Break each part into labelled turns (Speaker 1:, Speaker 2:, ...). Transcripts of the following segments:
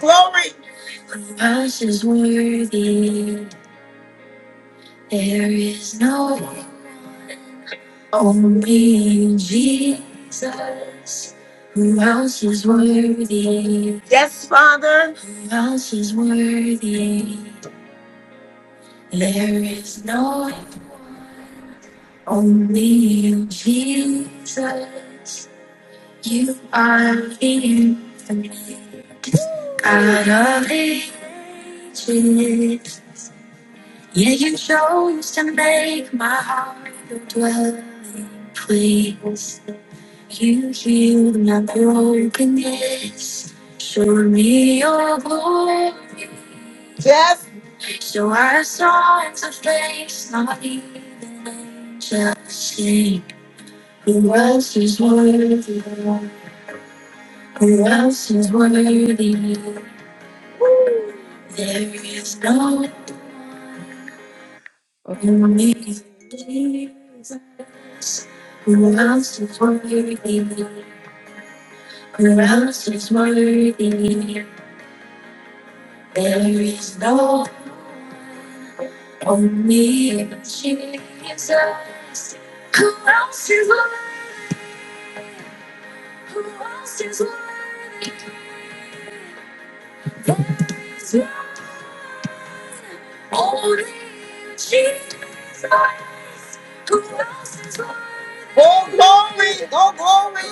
Speaker 1: glory. Yes, Father. Yes. Oh, glory. Oh, glory.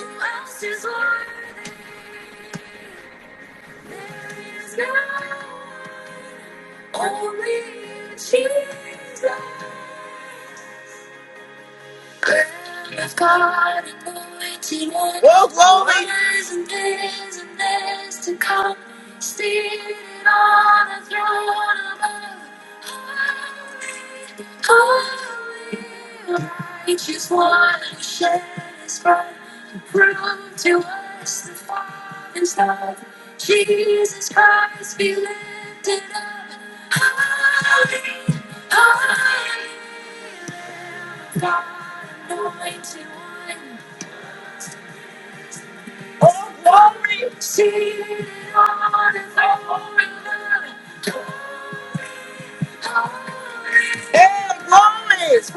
Speaker 1: Oh, glory! Yeah, glory!